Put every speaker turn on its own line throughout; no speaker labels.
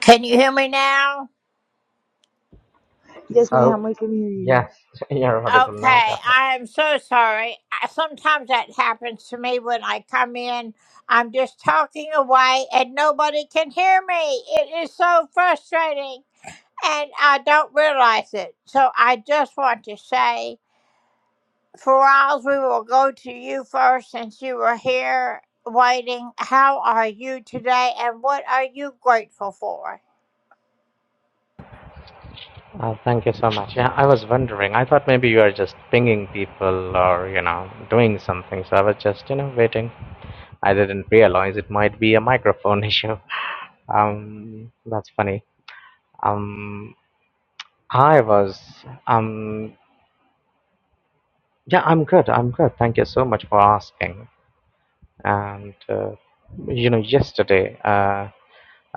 Can you hear me now?
Yes, ma'am,
Oh,
we can hear you.
yes, you're audible now,
Okay,
Gaffer.
I am so sorry. I- Sometimes that happens to me when I come in. I'm just talking away and nobody can hear me. It is so frustrating and I don't realize it. So I just want to say, Faraz, we will go to you first since you were here waiting. How are you today and what are you grateful for?
Uh, thank you so much. Yeah, I was wondering. I thought maybe you are just pinging people or, you know, doing something. So I was just, you know, waiting. I didn't realize it might be a microphone issue. Um, that's funny. Um, I was, um, yeah, I'm good. I'm good. Thank you so much for asking. And, uh, you know, yesterday, uh,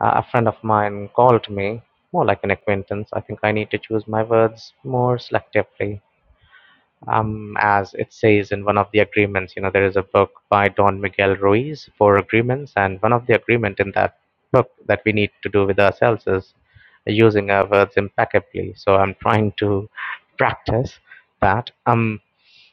Uh, a friend of mine called me, more like an acquaintance. I think I need to choose my words more selectively. Um, as it says in one of the agreements, you know, there is a book by Don Miguel Ruiz, Four Agreements, and one of the agreement in that book that we need to do with ourselves is using our words impeccably. So I'm trying to practice that. Um,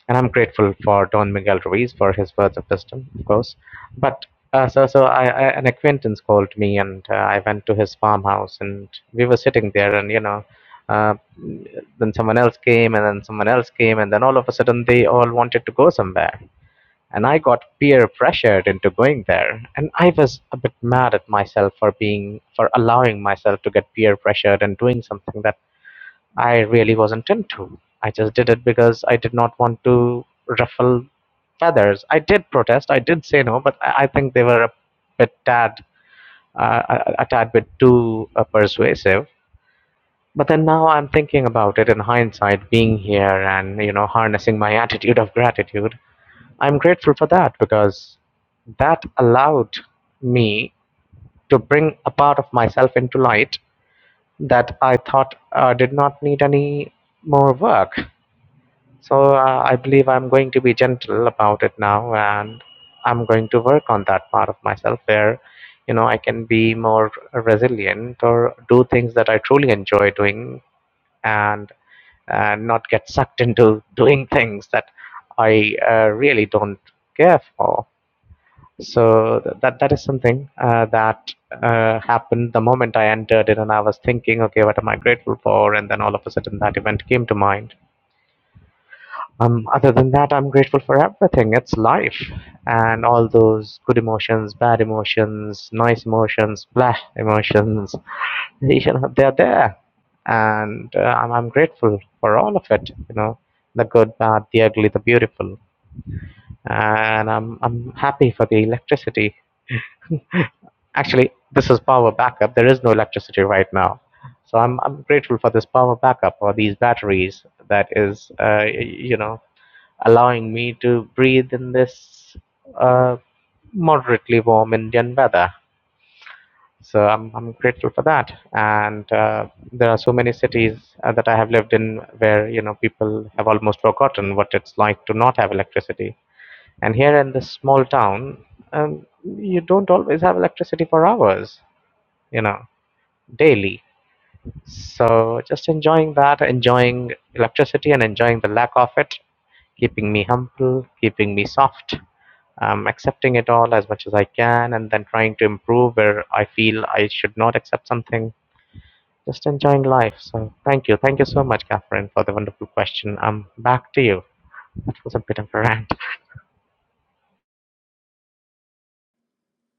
and I'm grateful for Don Miguel Ruiz for his words of wisdom, of course. But uh, so, so I, I, an acquaintance called me, and uh, I went to his farmhouse, and we were sitting there, and you know, uh, then someone else came, and then someone else came, and then all of a sudden they all wanted to go somewhere, and I got peer pressured into going there, and I was a bit mad at myself for being for allowing myself to get peer pressured and doing something that I really wasn't into. I just did it because I did not want to ruffle feathers. I did protest. I did say no, but I, I think they were a bit tad, uh, a, a tad bit too uh, persuasive. But then now I'm thinking about it in hindsight, being here and you know harnessing my attitude of gratitude. I'm grateful for that because that allowed me to bring a part of myself into light that I thought uh, did not need any more work. So uh, I believe I'm going to be gentle about it now, and I'm going to work on that part of myself where, you know, I can be more resilient or do things that I truly enjoy doing, and uh, not get sucked into doing things that I uh, really don't care for. So th- that that is something uh, that uh, happened the moment I entered it, and I was thinking, okay, what am I grateful for? And then all of a sudden, that event came to mind um, other than that, I'm grateful for everything. It's life and all those good emotions, bad emotions, nice emotions, blah emotions. You know, they're there, and uh, I'm, I'm grateful for all of it. You know, the good, bad, the ugly, the beautiful, and I'm I'm happy for the electricity. Actually, this is power backup. There is no electricity right now. So I'm, I'm grateful for this power backup or these batteries that is, uh, y- you know, allowing me to breathe in this uh, moderately warm Indian weather. So I'm, I'm grateful for that. And uh, there are so many cities uh, that I have lived in where you know people have almost forgotten what it's like to not have electricity. And here in this small town, um, you don't always have electricity for hours, you know, daily. So just enjoying that, enjoying electricity and enjoying the lack of it, keeping me humble, keeping me soft, um, accepting it all as much as I can, and then trying to improve where I feel I should not accept something. Just enjoying life. So thank you, thank you so much, Catherine, for the wonderful question. Um, back to you. That was a bit of a rant.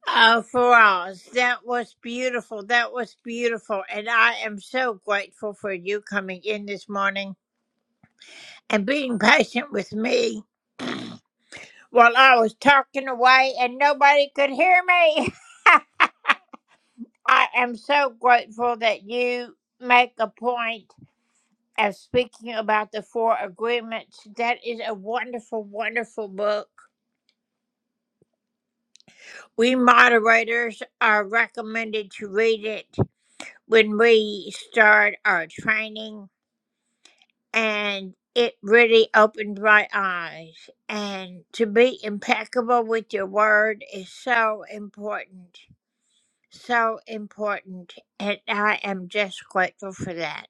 Oh, Faraz, that was beautiful. That was beautiful. And I am so grateful for you coming in this morning and being patient with me while I was talking away and nobody could hear me. I am so grateful that you make a point of speaking about the four agreements. That is a wonderful, wonderful book. We moderators are recommended to read it when we start our training and it really opened my eyes. And to be impeccable with your word is so important, so important. And I am just grateful for that.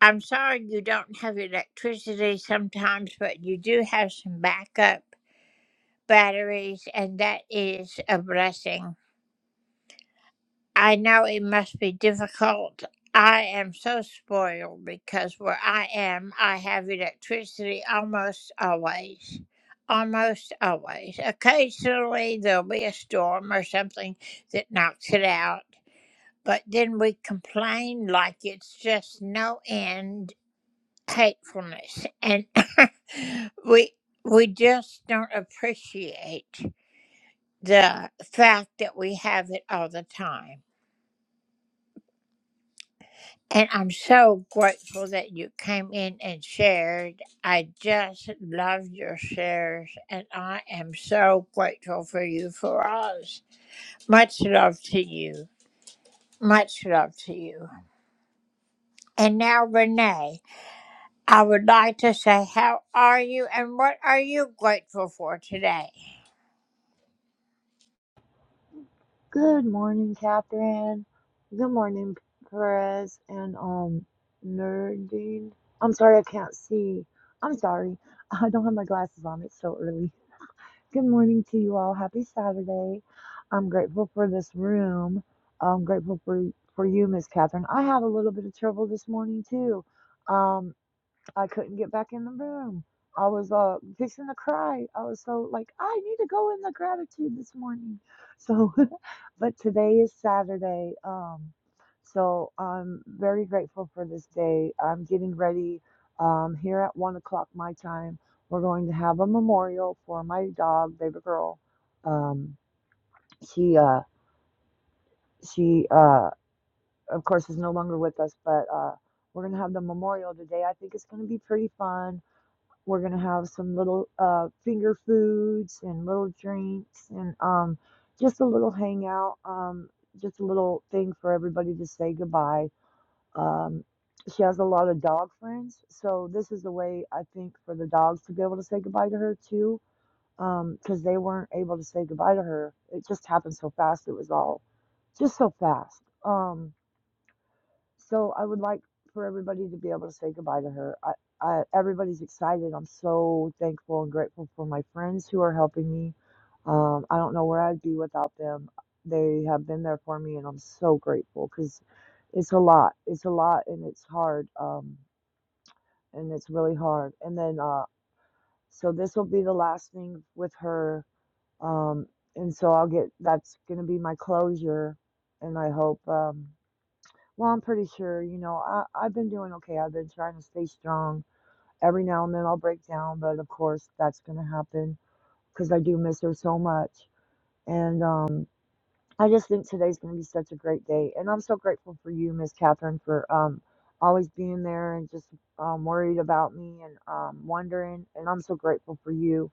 I'm sorry you don't have electricity sometimes, but you do have some backup batteries, and that is a blessing. I know it must be difficult. I am so spoiled because where I am, I have electricity almost always. Almost always. Occasionally, there'll be a storm or something that knocks it out, but then we complain like it's just no end hatefulness. And we, we just don't appreciate the fact that we have it all the time. And I'm so grateful that you came in and shared. I just love your shares, and I am so grateful for you, Faraz. Much love to you. Much love to you. And now, Renee, I would like to say, how are you and what are you grateful for today?
Good morning, Catherine. Good morning, Perez and um Nerdine. I'm sorry I can't see. I'm sorry. I don't have my glasses on. It's so early. Good morning to you all. Happy Saturday. I'm grateful for this room. I'm grateful for for you, Miss Catherine. I had a little bit of trouble this morning too. Um, I couldn't get back in the room. I was uh fixing to cry. I was so like, I need to go in the gratitude this morning. So but today is Saturday. Um so I'm very grateful for this day. I'm getting ready. Um here at one o'clock my time. We're going to have a memorial for my dog, baby girl. Um she uh she uh of course is no longer with us, but uh we're gonna have the memorial today. I think it's gonna be pretty fun we're gonna have some little uh, finger foods and little drinks and um, just a little hangout, um, just a little thing for everybody to say goodbye. Um, she has a lot of dog friends, so this is a way I think for the dogs to be able to say goodbye to her too, because um, they weren't able to say goodbye to her. It just happened so fast. It was all just so fast. Um, so I would like for everybody to be able to say goodbye to her. I, I, everybody's excited. I'm so thankful and grateful for my friends who are helping me. Um, I don't know where I'd be without them. They have been there for me, and I'm so grateful because it's a lot. It's a lot, and it's hard. Um, and it's really hard. And then, uh, so this will be the last thing with her. Um, and so I'll get that's going to be my closure, and I hope. Um, well, I'm pretty sure, you know, I, I've been doing okay. I've been trying to stay strong. Every now and then I'll break down, but of course that's going to happen because I do miss her so much. And um, I just think today's going to be such a great day. And I'm so grateful for you, Miss Catherine, for um, always being there and just um, worried about me and um, wondering. And I'm so grateful for you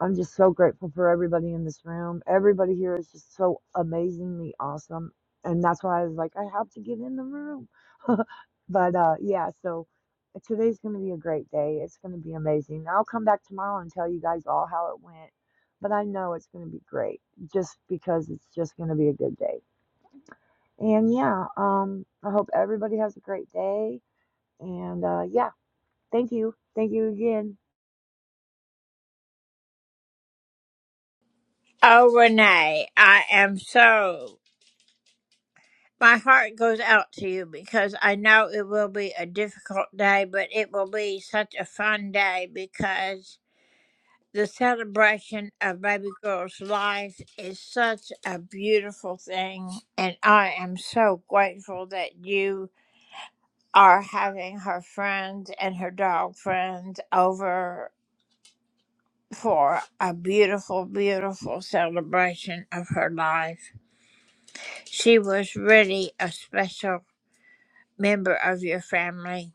I'm just so grateful for everybody in this room. Everybody here is just so amazingly awesome. And that's why I was like, I have to get in the room. but uh, yeah, so uh, today's going to be a great day. It's going to be amazing. I'll come back tomorrow and tell you guys all how it went. But I know it's going to be great just because it's just going to be a good day. And yeah, um, I hope everybody has a great day. And uh, yeah, thank you. Thank you again.
Oh, Renee, I am so My heart goes out to you because I know it will be a difficult day, but it will be such a fun day because the celebration of baby girl's life is such a beautiful thing. And I am so grateful that you are having her friends and her dog friends over for a beautiful, beautiful celebration of her life. She was really a special member of your family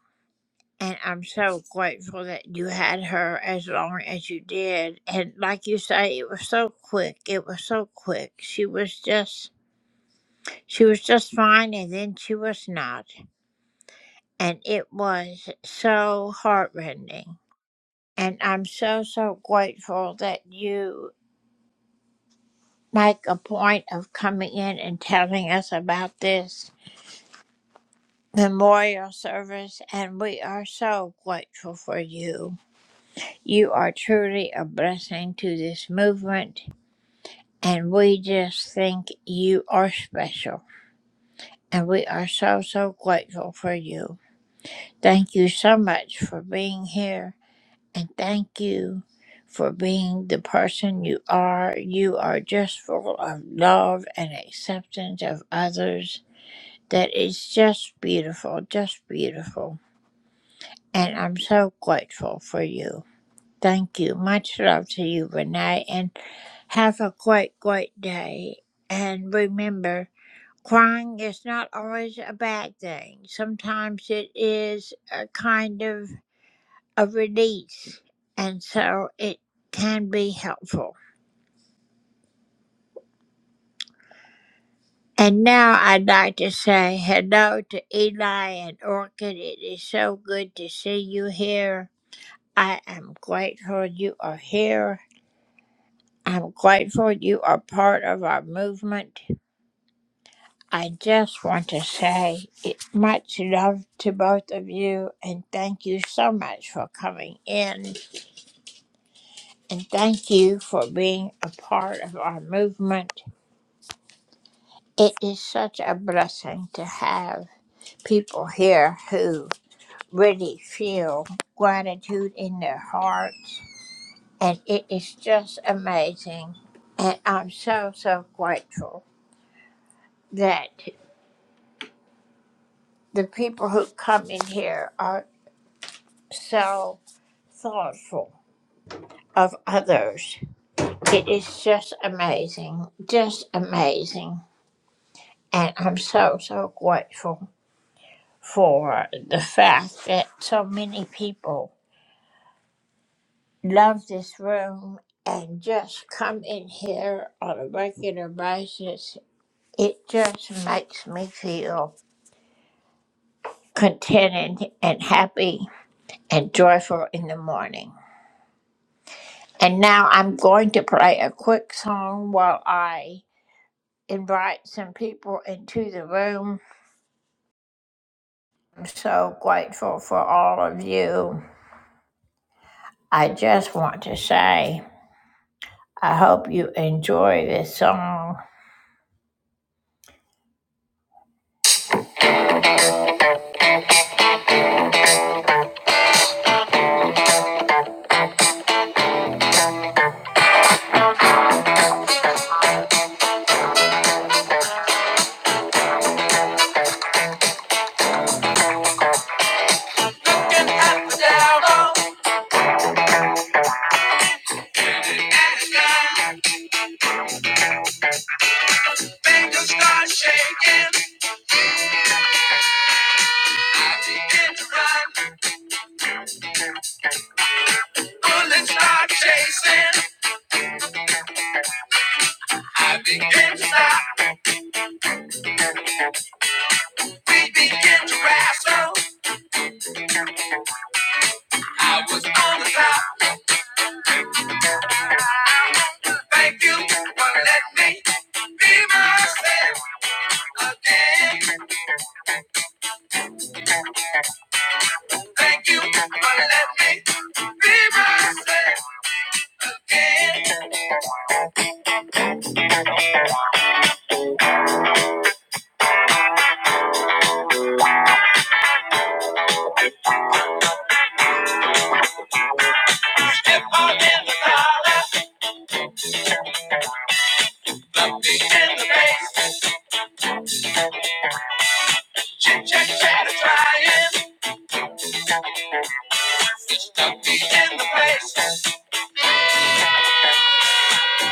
And I'm so grateful that you had her as long as you did. And like you say, it was so quick. It was so quick. She was just she was just fine and then she was not. And it was so heartrending. And I'm so so grateful that you make a point of coming in and telling us about this memorial service and we are so grateful for you. You are truly a blessing to this movement, and we just think you are special. And we are so, so grateful for you. Thank you so much for being here, and thank you for being the person you are. You are just full of love and acceptance of others. That is just beautiful, just beautiful. And I'm so grateful for you. Thank you. Much love to you, Renee. and. Have a great, great day. And remember, crying is not always a bad thing. Sometimes it is a kind of a release, and so it can be helpful. And now I'd like to say hello to Eli and Orchid. It is so good to see you here. I am grateful you are here. I'm grateful you are part of our movement. I just want to say it, much love to both of you, and thank you so much for coming in, and thank you for being a part of our movement. It is such a blessing to have people here who really feel gratitude in their hearts, and it is just amazing. And I'm so, so grateful that the people who come in here are so thoughtful of others. It is just amazing, just amazing. And I'm so, so grateful for the fact that so many people love this room and just come in here on a regular basis. It just makes me feel contented and happy and joyful in the morning. And now I'm going to play a quick song while I invite some people into the room so grateful for all of you. I just want to say, I hope you enjoy this song. Looking up and down, up and down, make start shaking. I begin to run, bullets start chasing. I begin to stop, we begin to wrestle. I was on the top. Thank you for letting me be myself again. Thank you for letting me be myself again. If I'm in the dollar, look me in the face. Chit chat chatter trying, be in the place.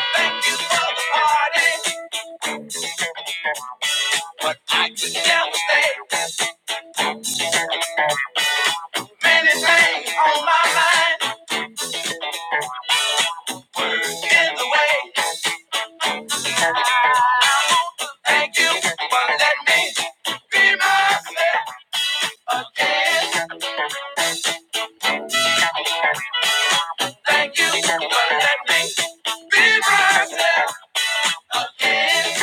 Thank you for the party, but I could never stay. Many things on my mind, in the way. Thank you for letting me be myself again. Thank you for letting me be myself. Dance,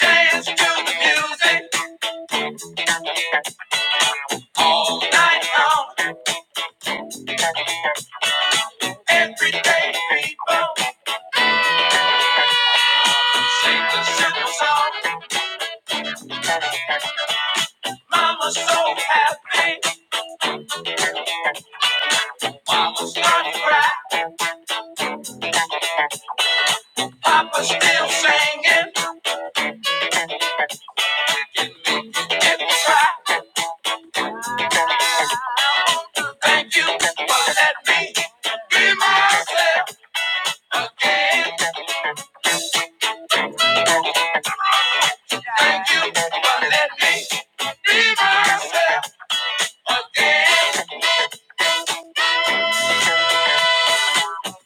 dance to the music all night long. Every day people sing the simple song. Mama's so happy, mama's gonna cry. still singing, give me, give me try. Thank you for letting me be myself again. Thank you for letting me be myself again.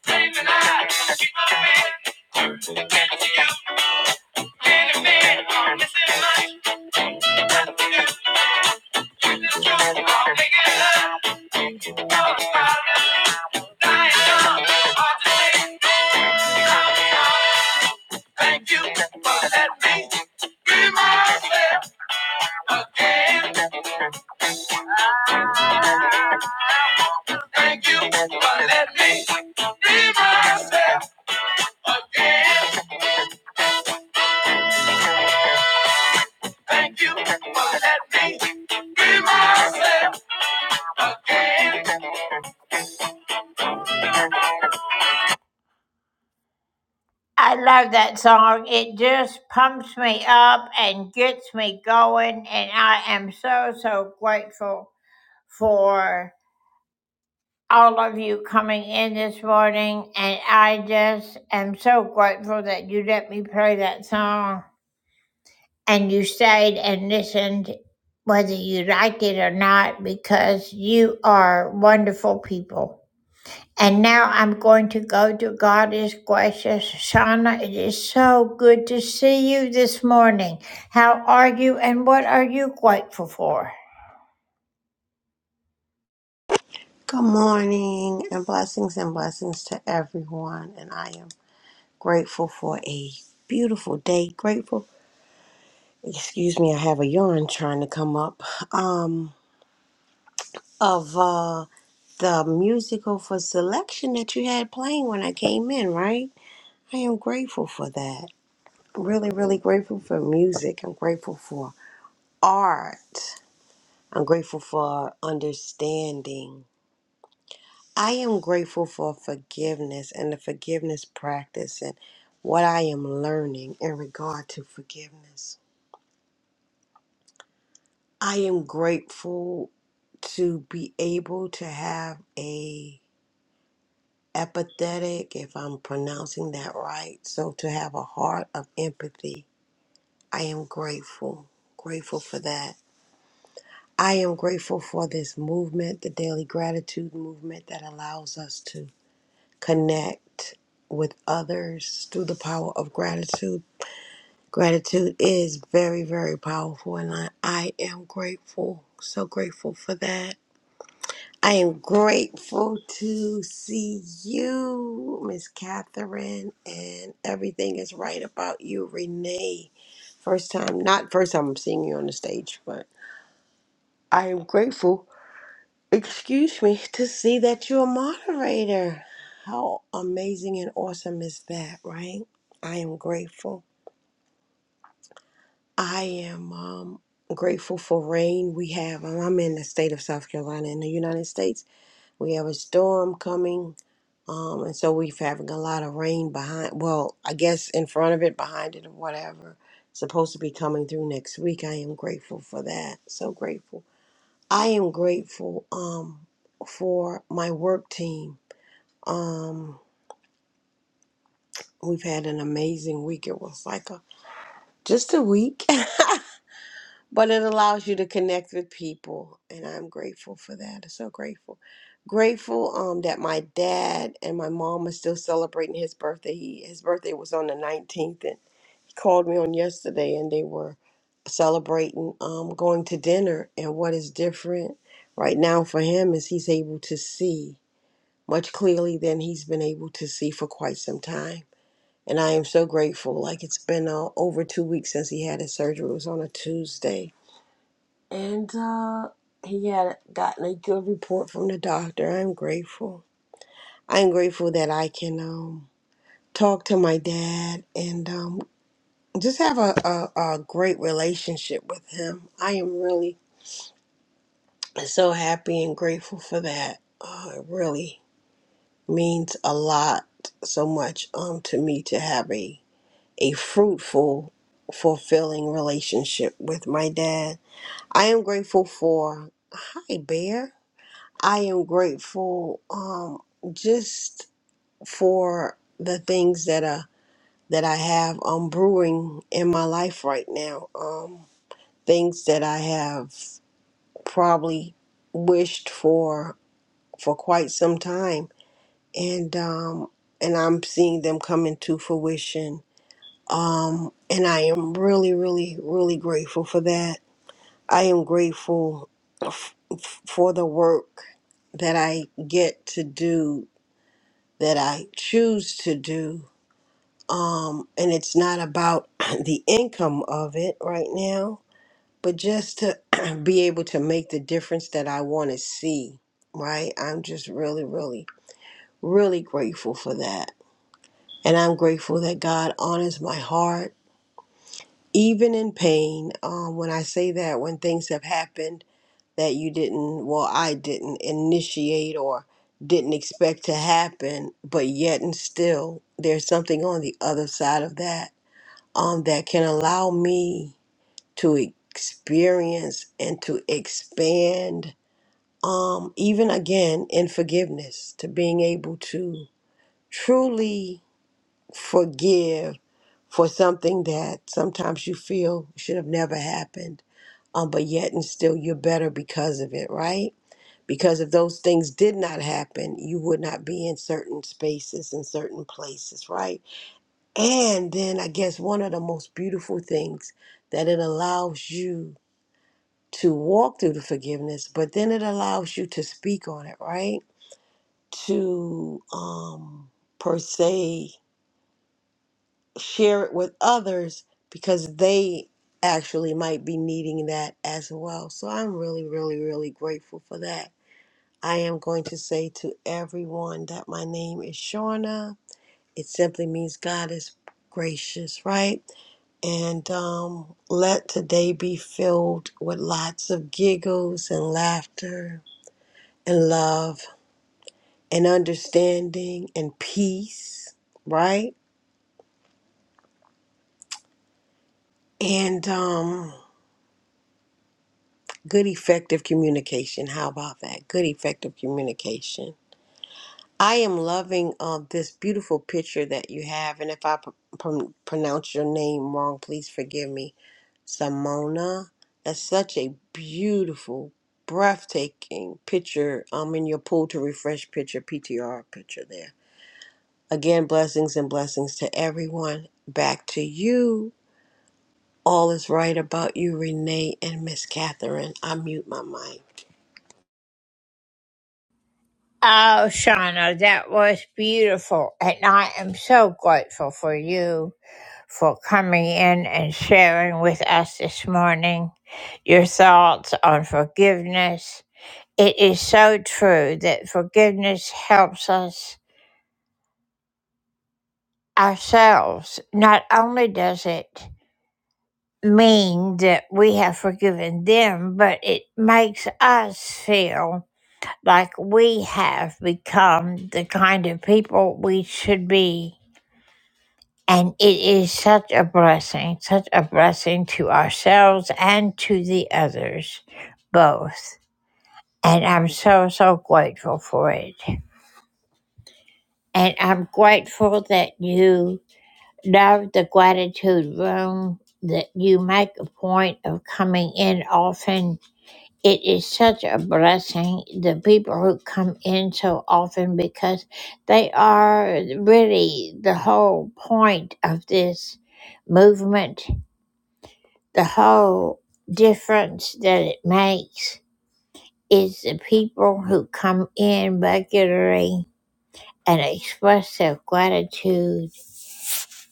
Dreaming I keep on being into you. No Thank you for letting me be myself again. Thank you for letting me be myself again. Thank you for letting me be myself again. I love that song. It just pumps me up and gets me going. And I am so, so grateful for all of you coming in this morning. And I just am so grateful that you let me play that song and you stayed and listened, whether you liked it or not, because you are wonderful people. And now I'm going to go to God is gracious. Shauna, it is so good to see you this morning. How are you and what are you grateful for?
Good morning and blessings and blessings to everyone. And I am grateful for a beautiful day. Grateful. Excuse me, I have a yarn trying to come up. Um, of uh, the musical for selection that you had playing when I came in, right? I am grateful for that. Really, really grateful for music. I'm grateful for art. I'm grateful for understanding. I am grateful for forgiveness and the forgiveness practice and what I am learning in regard to forgiveness. I am grateful to be able to have a empathetic, if I'm pronouncing that right, so to have a heart of empathy. I am grateful, grateful for that. I am grateful for this movement, the daily gratitude movement that allows us to connect with others through the power of gratitude. Gratitude is very, very powerful, and I, I am grateful. So grateful for that. I am grateful to see you, Miss Catherine, and everything is right about you, Renee. First time, not first time I'm seeing you on the stage, but I am grateful excuse me, to see that you're a moderator. How amazing and awesome is that, right? I am grateful. I am um, grateful for rain we have. um, I'm in the state of South Carolina in the United States. We have a storm coming. Um, and so we're having a lot of rain behind, well, I guess in front of it, behind it, or whatever. Supposed to be coming through next week. I am grateful for that. So grateful. I am grateful um, for my work team Um, we've had an amazing week. It was like a just a week, but it allows you to connect with people, and I'm grateful for that. I'm so grateful, grateful um that my dad and my mom are still celebrating his birthday. He his birthday was on the 19th, and he called me on yesterday, and they were celebrating um going to dinner. And what is different right now for him is he's able to see much clearly than he's been able to see for quite some time And I am so grateful. Like it's been uh, over two weeks since he had his surgery. It was on a Tuesday. And uh, he had gotten a good report from the doctor. I'm grateful. I'm grateful that I can um, talk to my dad and um, just have a, a, a great relationship with him. I am really so happy and grateful for that. Uh, it really means a lot, so much um, to me to have a a fruitful, fulfilling relationship with my dad. I am grateful for, hi, Bear. I am grateful um, just for the things that are. That I have um, brewing in my life right now. Um, things that I have probably wished for for quite some time, and um, and I'm seeing them come into fruition Um, and I am really, really, really grateful for that. I am grateful f- f- for the work that I get to do, that I choose to do. Um, and it's not about the income of it right now, but just to be able to make the difference that I want to see, right? I'm just really, really, really grateful for that. And I'm grateful that God honors my heart even in pain, um, when I say that, when things have happened that you didn't, well, I didn't initiate or didn't expect to happen, but yet and still, there's something on the other side of that um, that can allow me to experience and to expand, um, even again in forgiveness, to being able to truly forgive for something that sometimes you feel should have never happened um, but yet and still you're better because of it, right? Because if those things did not happen, you would not be in certain spaces and certain places, right? And then I guess one of the most beautiful things that it allows you to walk through the forgiveness, but then it allows you to speak on it, right? To um, per se share it with others because they actually might be needing that as well. So I'm really, really, really grateful for that. I am going to say to everyone that my name is Shauna. It simply means God is gracious, right? And um, let today be filled with lots of giggles and laughter and love and understanding and peace, right? And um, good, effective communication. How about that? Good, effective communication I am loving uh, this beautiful picture that you have, and if I pr- pr- pronounce your name wrong, please forgive me. Simona, that's such a beautiful, breathtaking picture. Um, in your pull to refresh picture, PTR picture there. Again, blessings and blessings to everyone. Back to you. All is right about you, Renee and Miss Catherine. I mute my mic.
Oh, Shauna, that was beautiful. And I am so grateful for you for coming in and sharing with us this morning your thoughts on forgiveness. It is so true that forgiveness helps us ourselves. Not only does it mean that we have forgiven them, but it makes us feel like we have become the kind of people we should be. And it is such a blessing, such a blessing to ourselves and to the others, both. And I'm so, so grateful for it. And I'm grateful that you love the gratitude room, that you make a point of coming in often It is such a blessing, the people who come in so often, because they are really the whole point of this movement. The whole difference that it makes is the people who come in regularly and express their gratitude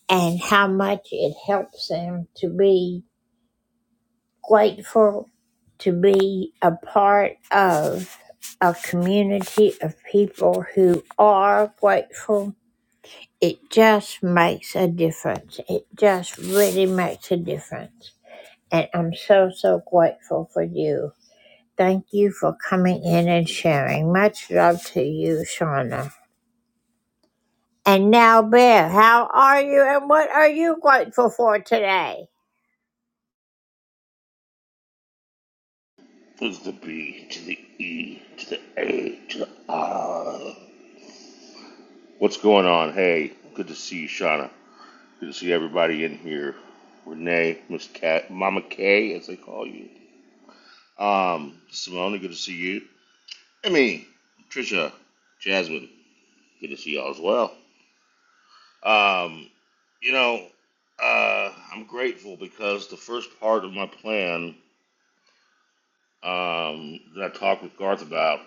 and how much it helps them to be grateful to be a part of a community of people who are grateful. It just makes a difference. It just really makes a difference. And I'm so, so grateful for you. Thank you for coming in and sharing. Much love to you, Shauna. And now, Bear, how are you and what are you grateful for today?
There's the B to the E to the A to the R. What's going on? Hey, good to see you, Shauna. Good to see everybody in here. Renee, Miss Cat, Mama K, as they call you. Um, Simone, good to see you. Emmy, Trisha, Jasmine, good to see y'all as well. Um, you know, uh, I'm grateful because the first part of my plan um, that I talked with Garth about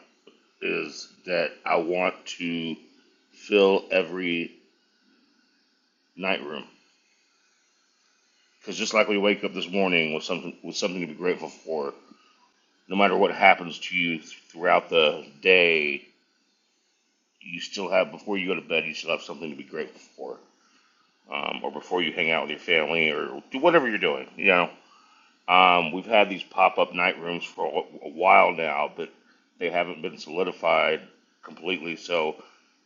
is that I want to fill every night room. Because just like we wake up this morning with something with something to be grateful for, no matter what happens to you throughout the day, you still have before you go to bed, you still have something to be grateful for. Um, or before you hang out with your family or do whatever you're doing, you know. Um, we've had these pop up night rooms for a, a while now, but they haven't been solidified completely. So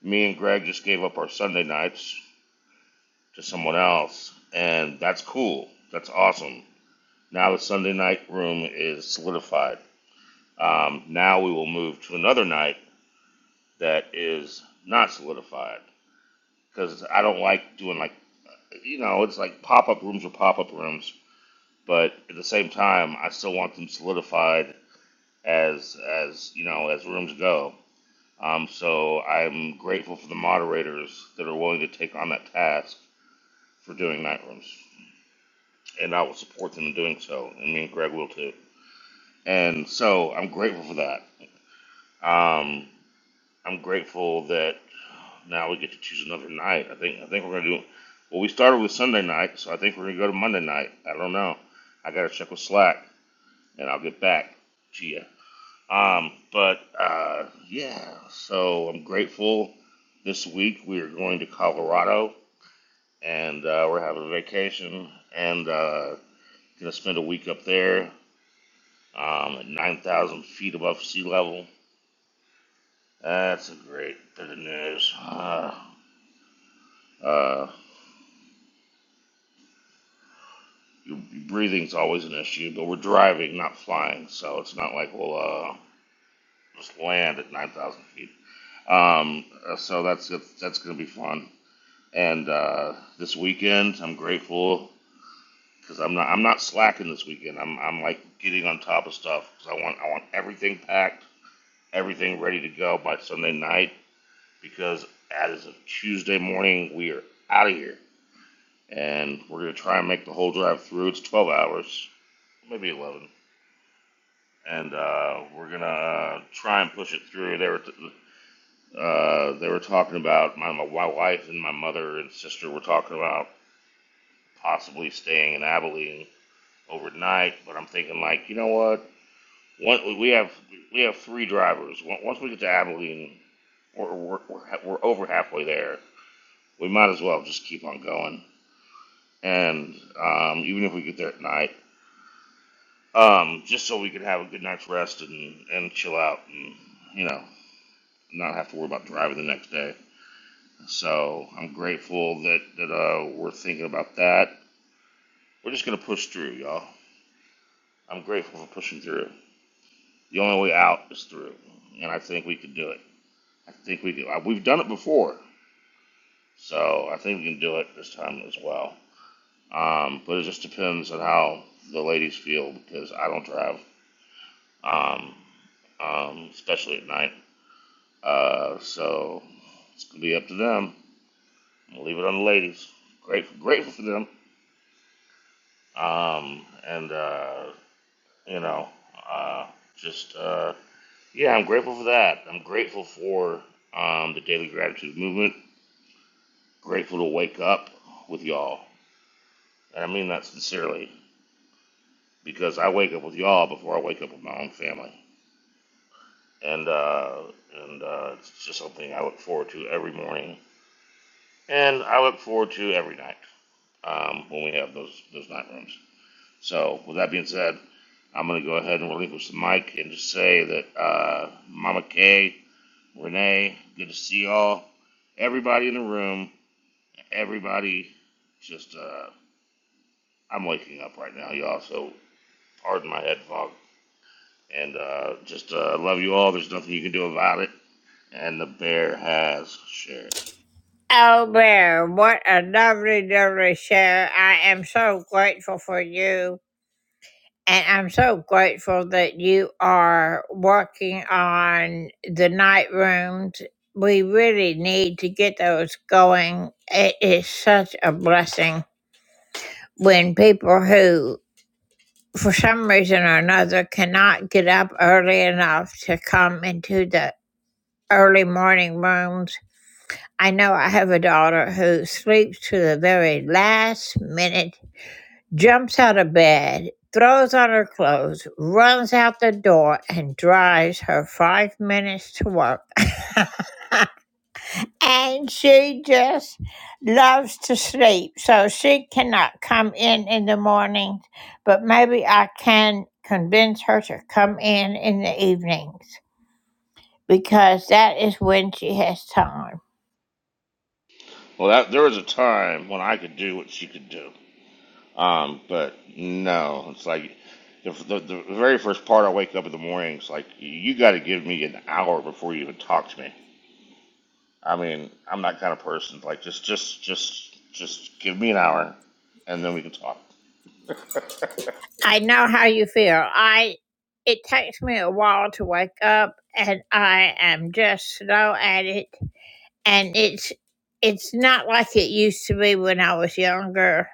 me and Greg just gave up our Sunday nights to someone else, and that's cool. That's awesome. Now the Sunday night room is solidified. Um, now we will move to another night that is not solidified because I don't like doing like you know it's like pop up rooms or pop up rooms, but at the same time I still want them solidified as as you know as rooms go. Um, so I'm grateful for the moderators that are willing to take on that task for doing night rooms. and I will support them in doing so, and me and Greg will too. And so I'm grateful for that. Um, I'm grateful that now we get to choose another night. I think I think we're gonna do. Well, we started with Sunday night, so I think we're gonna go to Monday night. I don't know. I gotta check with Slack, and I'll get back to you. Um, but uh, yeah, so I'm grateful. This week we are going to Colorado, and uh, we're having a vacation, and uh, gonna spend a week up there, um, at 9,000 feet above sea level. That's a great bit of news. Uh, uh, your, your breathing's always an issue, but we're driving, not flying, so it's not like we'll uh, just land at 9,000 feet. Um, uh, so that's that's going to be fun. And uh, this weekend, I'm grateful because I'm not I'm not slacking this weekend. I'm I'm like getting on top of stuff because I want I want everything packed, everything ready to go by Sunday night because as of Tuesday morning, we are out of here. And we're going to try and make the whole drive through. It's 12 hours, maybe 11. And uh, we're going to try and push it through. They were, t- uh, they were talking about, my, my wife and my mother and sister were talking about possibly staying in Abilene overnight. But I'm thinking, like, you know what? One, we have we have three drivers. Once we get to Abilene, we're, we're, we're over halfway there. We might as well just keep on going and um, even if we get there at night, um, just so we could have a good night's rest and, and chill out and, you know, not have to worry about driving the next day. So I'm grateful that, that uh, we're thinking about that. We're just going to push through, y'all. I'm grateful for pushing through. The only way out is through, and I think we could do it. I think we could. We've done it before, so I think we can do it this time as well. Um, but it just depends on how the ladies feel because I don't drive. Um, um, especially at night. Uh, so it's gonna be up to them. I'm gonna leave it on the ladies. Grateful, grateful for them. Um, and uh, you know, uh, just uh, yeah, I'm grateful for that. I'm grateful for um, the daily gratitude movement. Grateful to wake up with y'all, and I mean that sincerely because I wake up with y'all before I wake up with my own family. And uh, and uh, it's just something I look forward to every morning, and I look forward to every night. um, when we have those those night rooms. So with that being said, I'm going to go ahead and relinquish the mic and just say that uh, Mama Kay, Renee, good to see y'all. Everybody in the room, everybody, just uh, I'm waking up right now, y'all. So pardon my head fog, and uh, just uh, love you all. There's nothing you can do about it, and the bear has shared.
Oh, Bear, what a lovely, lovely share. I am so grateful for you. And I'm so grateful that you are working on the night rooms. We really need to get those going. It is such a blessing when people who, for some reason or another, cannot get up early enough to come into the early morning rooms. I know I have a daughter who sleeps to the very last minute jumps out of bed, throws on her clothes, runs out the door, and drives her five minutes to work. and she just loves to sleep, so she cannot come in in the mornings, but maybe I can convince her to come in in the evenings because that is when she has time.
Well, that, there was a time when I could do what she could do. Um, but no, it's like the, the, the very first part I wake up in the morning, it's like, you got to give me an hour before you even talk to me. I mean, I'm that kind of person. Like, just, just, just, just give me an hour and then we can talk.
I know how you feel. I it takes me a while to wake up and I am just slow at it and it's it's not like it used to be when I was younger.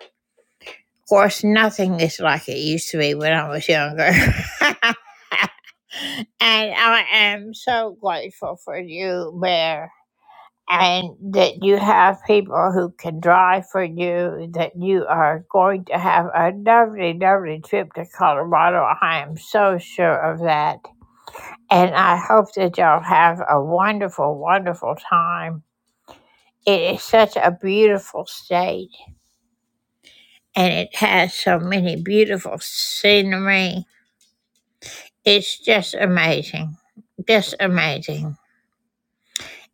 Of course, nothing is like it used to be when I was younger. and I am so grateful for you, Bear, and that you have people who can drive for you, that you are going to have a lovely, lovely trip to Colorado. I am so sure of that. And I hope that y'all have a wonderful, wonderful time It is such a beautiful state and it has so many beautiful scenery. It's just amazing. Just amazing.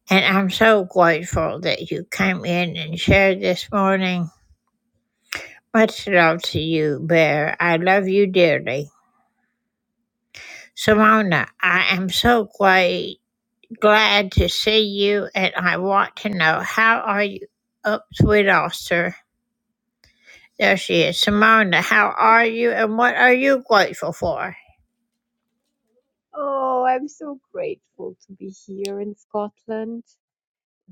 And I'm so grateful that you came in and shared this morning. Much love to you, Bear. I love you dearly. Simona, I am so great, glad to see you, and I want to know how are you? Oh, sweet Oster, there she is. Simona, how are you, and what are you grateful for?
Oh, I'm so grateful to be here in Scotland.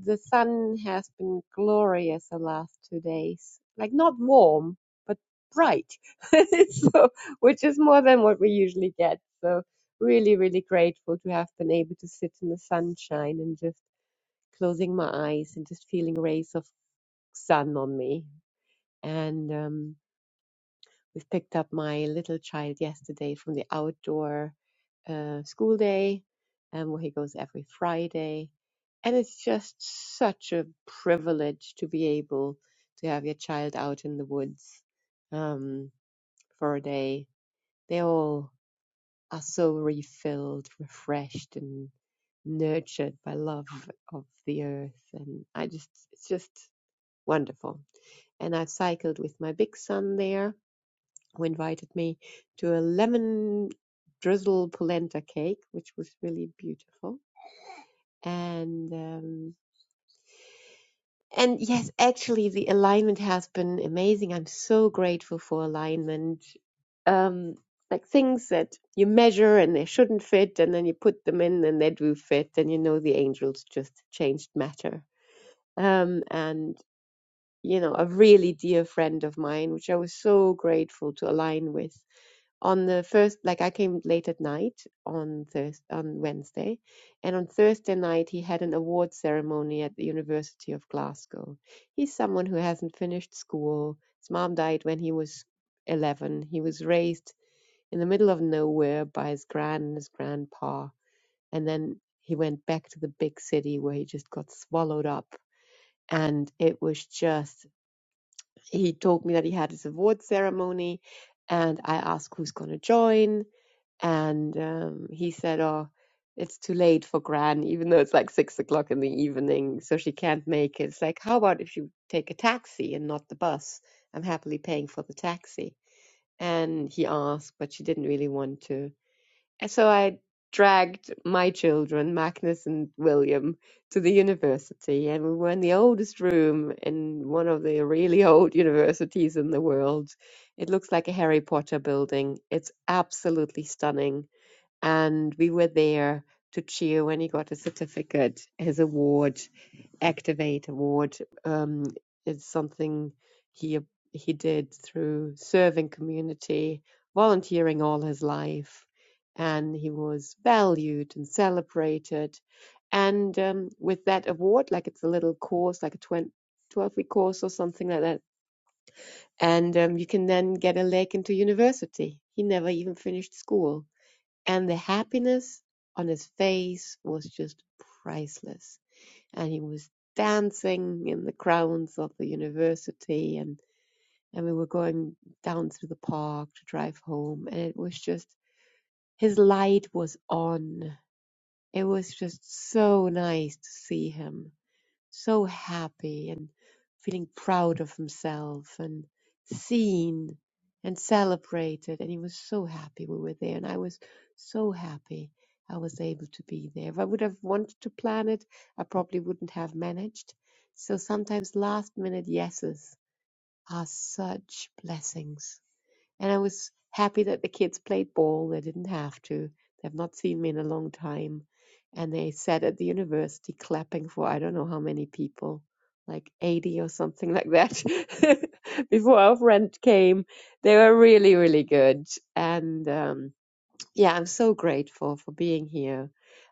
The sun has been glorious the last two days. Like not warm, but bright. So, which is more than what we usually get. So, really, really grateful to have been able to sit in the sunshine and just closing my eyes and just feeling rays of sun on me. And um We've picked up my little child yesterday from the outdoor uh, school day, um, where he goes every Friday. And it's just such a privilege to be able to have your child out in the woods um, for a day. They all are so refilled, refreshed, and nurtured by love of the earth. And I just, it's just wonderful. And I've cycled with my big son there who invited me to a lemon drizzle polenta cake, which was really beautiful. And um, and yes, actually, the alignment has been amazing. I'm so grateful for alignment. Um, like things that you measure and they shouldn't fit, and then you put them in and they do fit, and you know the angels just changed matter. Um, and you know, a really dear friend of mine, which I was so grateful to align with on the first like i came late at night on thursday on wednesday and on thursday night he had an award ceremony at the university of glasgow he's someone who hasn't finished school his mom died when he was 11 he was raised in the middle of nowhere by his gran and his grandpa and then he went back to the big city where he just got swallowed up and it was just he told me that he had his award ceremony and i asked who's going to join and um, he said, Oh, it's too late for Gran, even though it's like six o'clock in the evening, so she can't make it. It's like, How about if you take a taxi and not the bus? I'm happily paying for the taxi. And he asked, but she didn't really want to. And so I dragged my children, Magnus and William, to the university. And we were in the oldest room in one of the really old universities in the world. It looks like a Harry Potter building. It's absolutely stunning and we were there to cheer when he got his certificate, his award, Activate Award. Um, it's something he he did through serving community, volunteering all his life, and he was valued and celebrated. And um, with that award, like it's a little course, like a 12 week course or something like that. And um, you can then get a leg into university. He never even finished school and the happiness on his face was just priceless. And he was dancing in the grounds of the university and, and we were going down through the park to drive home. And it was just, his light was on. It was just so nice to see him so happy and feeling proud of himself and seen and celebrated. And he was so happy we were there. And I was so happy I was able to be there. If I would have wanted to plan it, I probably wouldn't have managed. So sometimes last minute yeses are such blessings. And I was happy that the kids played ball. They didn't have to. They've not seen me in a long time. And they sat at the university clapping for I don't know how many people, like 80 or something like that. Before our friend came, they were really, really good. And, um, yeah, I'm so grateful for being here.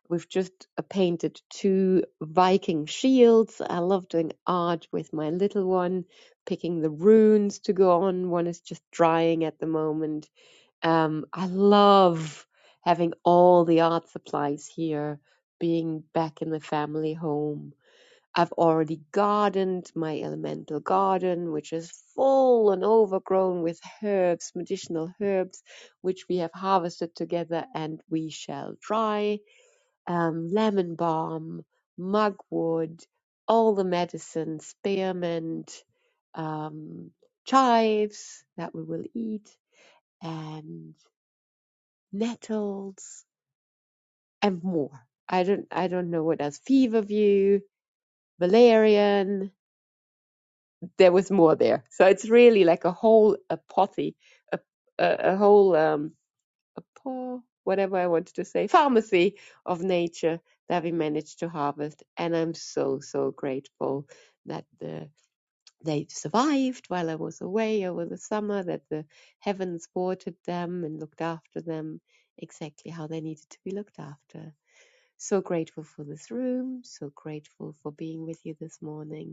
We've just uh, painted two Viking shields. I love doing art with my little one, picking the runes to go on. One is just drying at the moment. Um, I love having all the art supplies here, being back in the family home. I've already gardened my elemental garden, which is full and overgrown with herbs, medicinal herbs, which we have harvested together and we shall dry. Um, lemon balm, mugwort, all the medicine, spearmint, um, chives that we will eat, and nettles and more. I don't, I don't know what else. Feverview, valerian, there was more there. So it's really like a whole apothe, a, a, a whole um, apo whatever I wanted to say, pharmacy of nature that we managed to harvest. And I'm so so grateful that the, they survived while I was away over the summer. That the heavens watered them and looked after them exactly how they needed to be looked after. So grateful for this room. So grateful for being with you this morning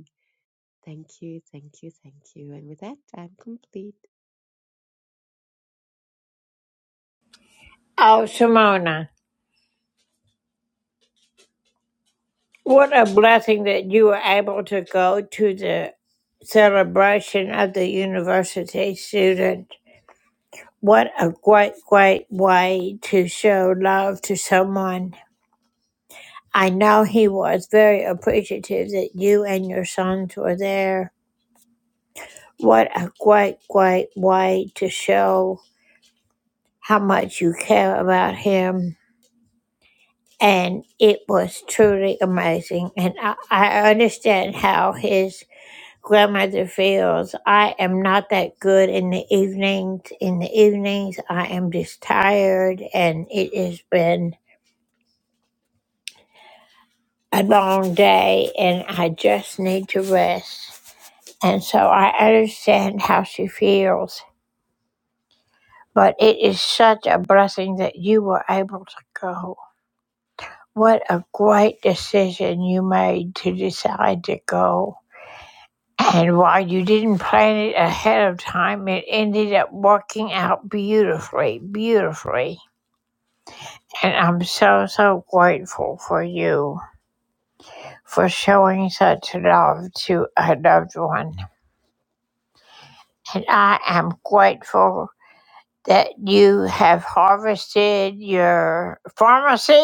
Thank you, thank you, thank you. And with that, I'm complete.
Oh, Simona, what a blessing that you were able to go to the celebration of the university student. What a great, great way to show love to someone. I know he was very appreciative that you and your sons were there. What a great, great way to show how much you care about him and it was truly amazing. And I, I understand how his grandmother feels i am not that good in the evenings in the evenings i am just tired and it has been a long day and i just need to rest and so i understand how she feels but it is such a blessing that you were able to go what a great decision you made to decide to go And while you didn't plan it ahead of time, it ended up working out beautifully, beautifully. And I'm so, so grateful for you for showing such love to a loved one. And I am grateful that you have harvested your pharmacy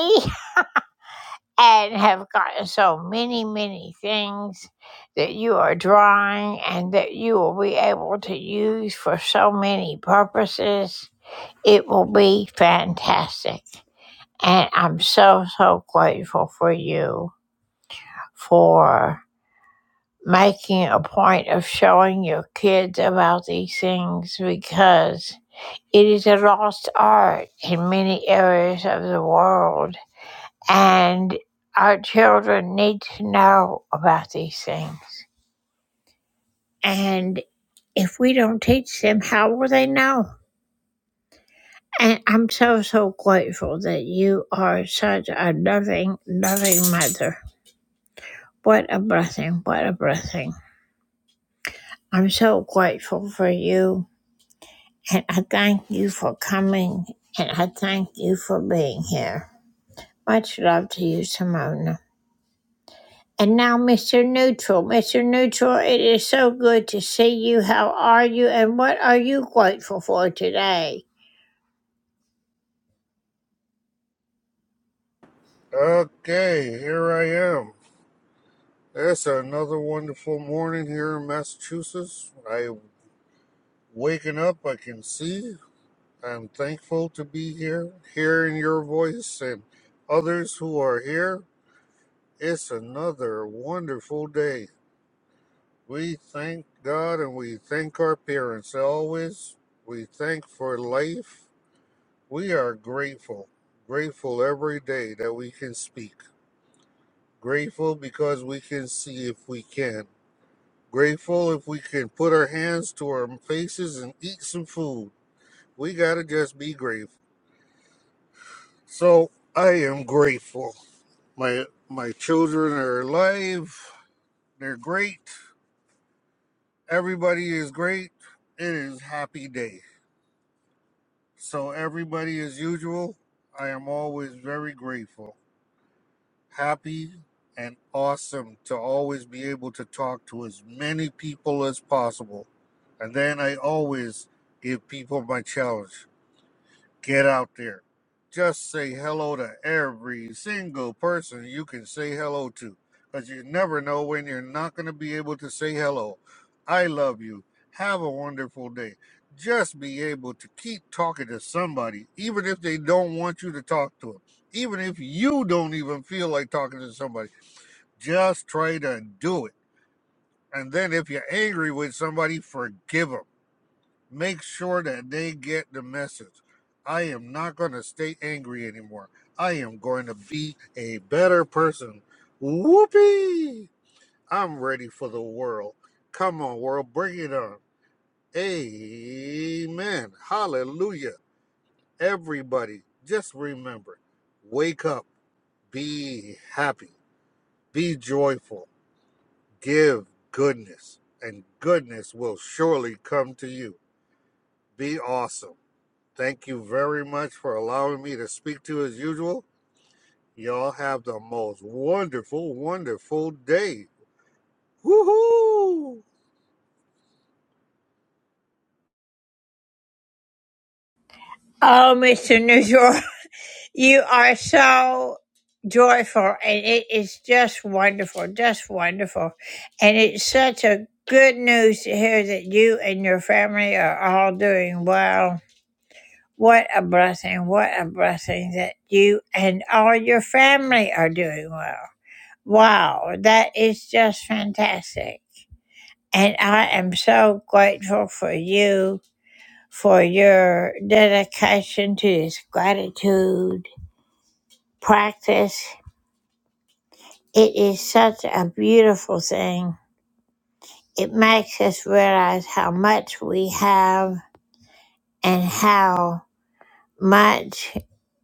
and have gotten so many, many things that you are drawing and that you will be able to use for so many purposes It will be fantastic. And I'm so, so grateful for you for making a point of showing your kids about these things because it is a lost art in many areas of the world. And our children need to know about these things. And if we don't teach them, how will they know? And I'm so, so grateful that you are such a loving, loving mother. What a blessing. What a blessing. I'm so grateful for you. And I thank you for coming. And I thank you for being here. Much love to you, Simona. And now, Mr. Neutral. Mr. Neutral, it is so good to see you. How are you? And what are you grateful for today?
Okay, here I am. It's another wonderful morning here in Massachusetts. I waking up, I can see. I'm thankful to be here, hearing your voice and others who are here. It's another wonderful day. We thank God and we thank our parents always. We thank for life. We are grateful, grateful every day that we can speak. Grateful because we can see if we can Grateful if we can put our hands to our faces and eat some food. We gotta just be grateful. So I am grateful. My my children are alive. They're great. Everybody is great. It is a happy day. So everybody as usual. I am always very grateful, happy, and awesome to always be able to talk to as many people as possible. And then I always give people my challenge. get out there. Just say hello to every single person you can say hello to because you never know when you're not going to be able to say hello. I love you. Have a wonderful day. Just be able to keep talking to somebody, even if they don't want you to talk to them, even if you don't even feel like talking to somebody. Just try to do it. And then if you're angry with somebody, forgive them make sure that they get the message. I am not going to stay angry anymore. I am going to be a better person. Whoopee! I'm ready for the world. Come on, world, bring it on. Amen. Hallelujah. Everybody, just remember wake up, be happy, be joyful, give goodness, and goodness will surely come to you. Be awesome. Thank you very much for allowing me to speak to you as usual. Y'all have the most wonderful, wonderful day. Woohoo!
Oh, Mr. Neutral. You are so joyful, and it is just wonderful, just wonderful. And it's such a good news to hear that you and your family are all doing well. What a blessing, what a blessing that you and all your family are doing well. Wow, that is just fantastic. And I am so grateful for you, for your dedication to this gratitude practice It is such a beautiful thing. It makes us realize how much we have and how much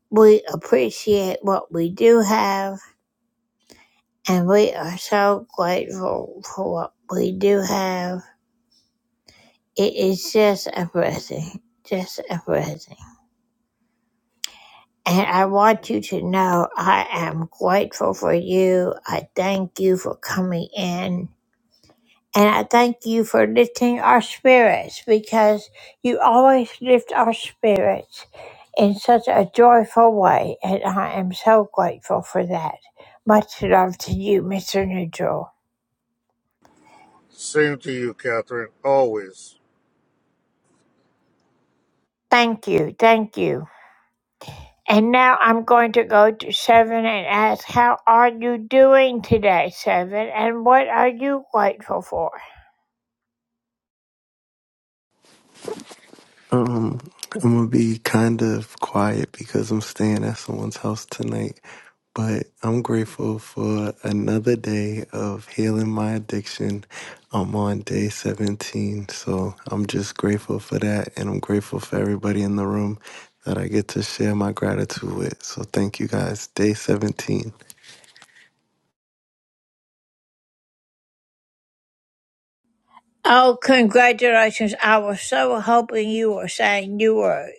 we appreciate what we do have. And we are so grateful for what we do have. It is just a blessing. Just a blessing. And I want you to know I am grateful for you. I thank you for coming in. And I thank you for lifting our spirits because you always lift our spirits in such a joyful way. And I am so grateful for that. Much love to you, Mr. Neutral.
Same to you, Catherine. Always.
Thank you. Thank you. And now I'm going to go to Seven and ask, How are you doing today, Seven? And what are you grateful for?
Um, I'm gonna be kind of quiet because I'm staying at someone's house tonight, but I'm grateful for another day of healing my addiction. I'm on day 17, so I'm just grateful for that, and I'm grateful for everybody in the room that I get to share my gratitude with. So thank you guys. Day 17.
Oh, congratulations. I was so hoping you were saying you were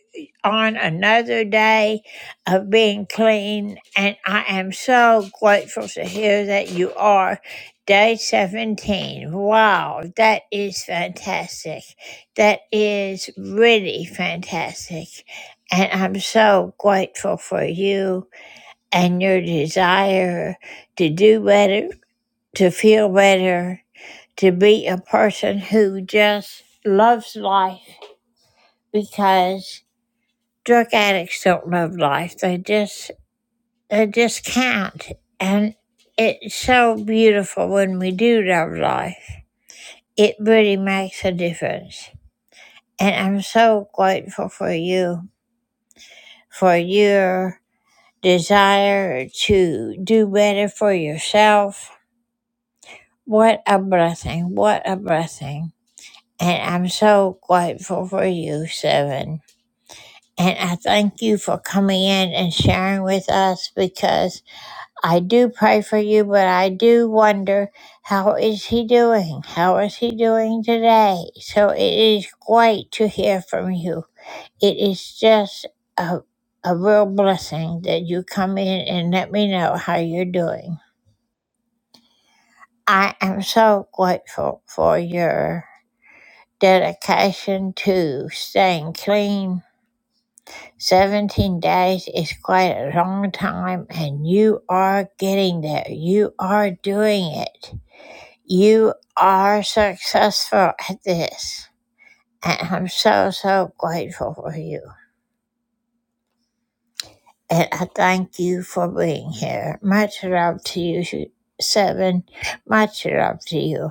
on another day of being clean, and I am so grateful to hear that you are. Day 17. Wow, that is fantastic. That is really fantastic. And I'm so grateful for you and your desire to do better, to feel better, to be a person who just loves life because drug addicts don't love life. They just they just can't. And it's so beautiful when we do love life. It really makes a difference. And I'm so grateful for you, for your desire to do better for yourself. What a blessing. What a blessing. And I'm so grateful for you, Seven. And I thank you for coming in and sharing with us because I do pray for you, but I do wonder how is he doing? How is he doing today? So it is great to hear from you. It is just a, a real blessing that you come in and let me know how you're doing. I am so grateful for your dedication to staying clean 17 days is quite a long time, and you are getting there. You are doing it. You are successful at this. And I'm so, so grateful for you. And I thank you for being here. Much love to you, Seven. Much love to you.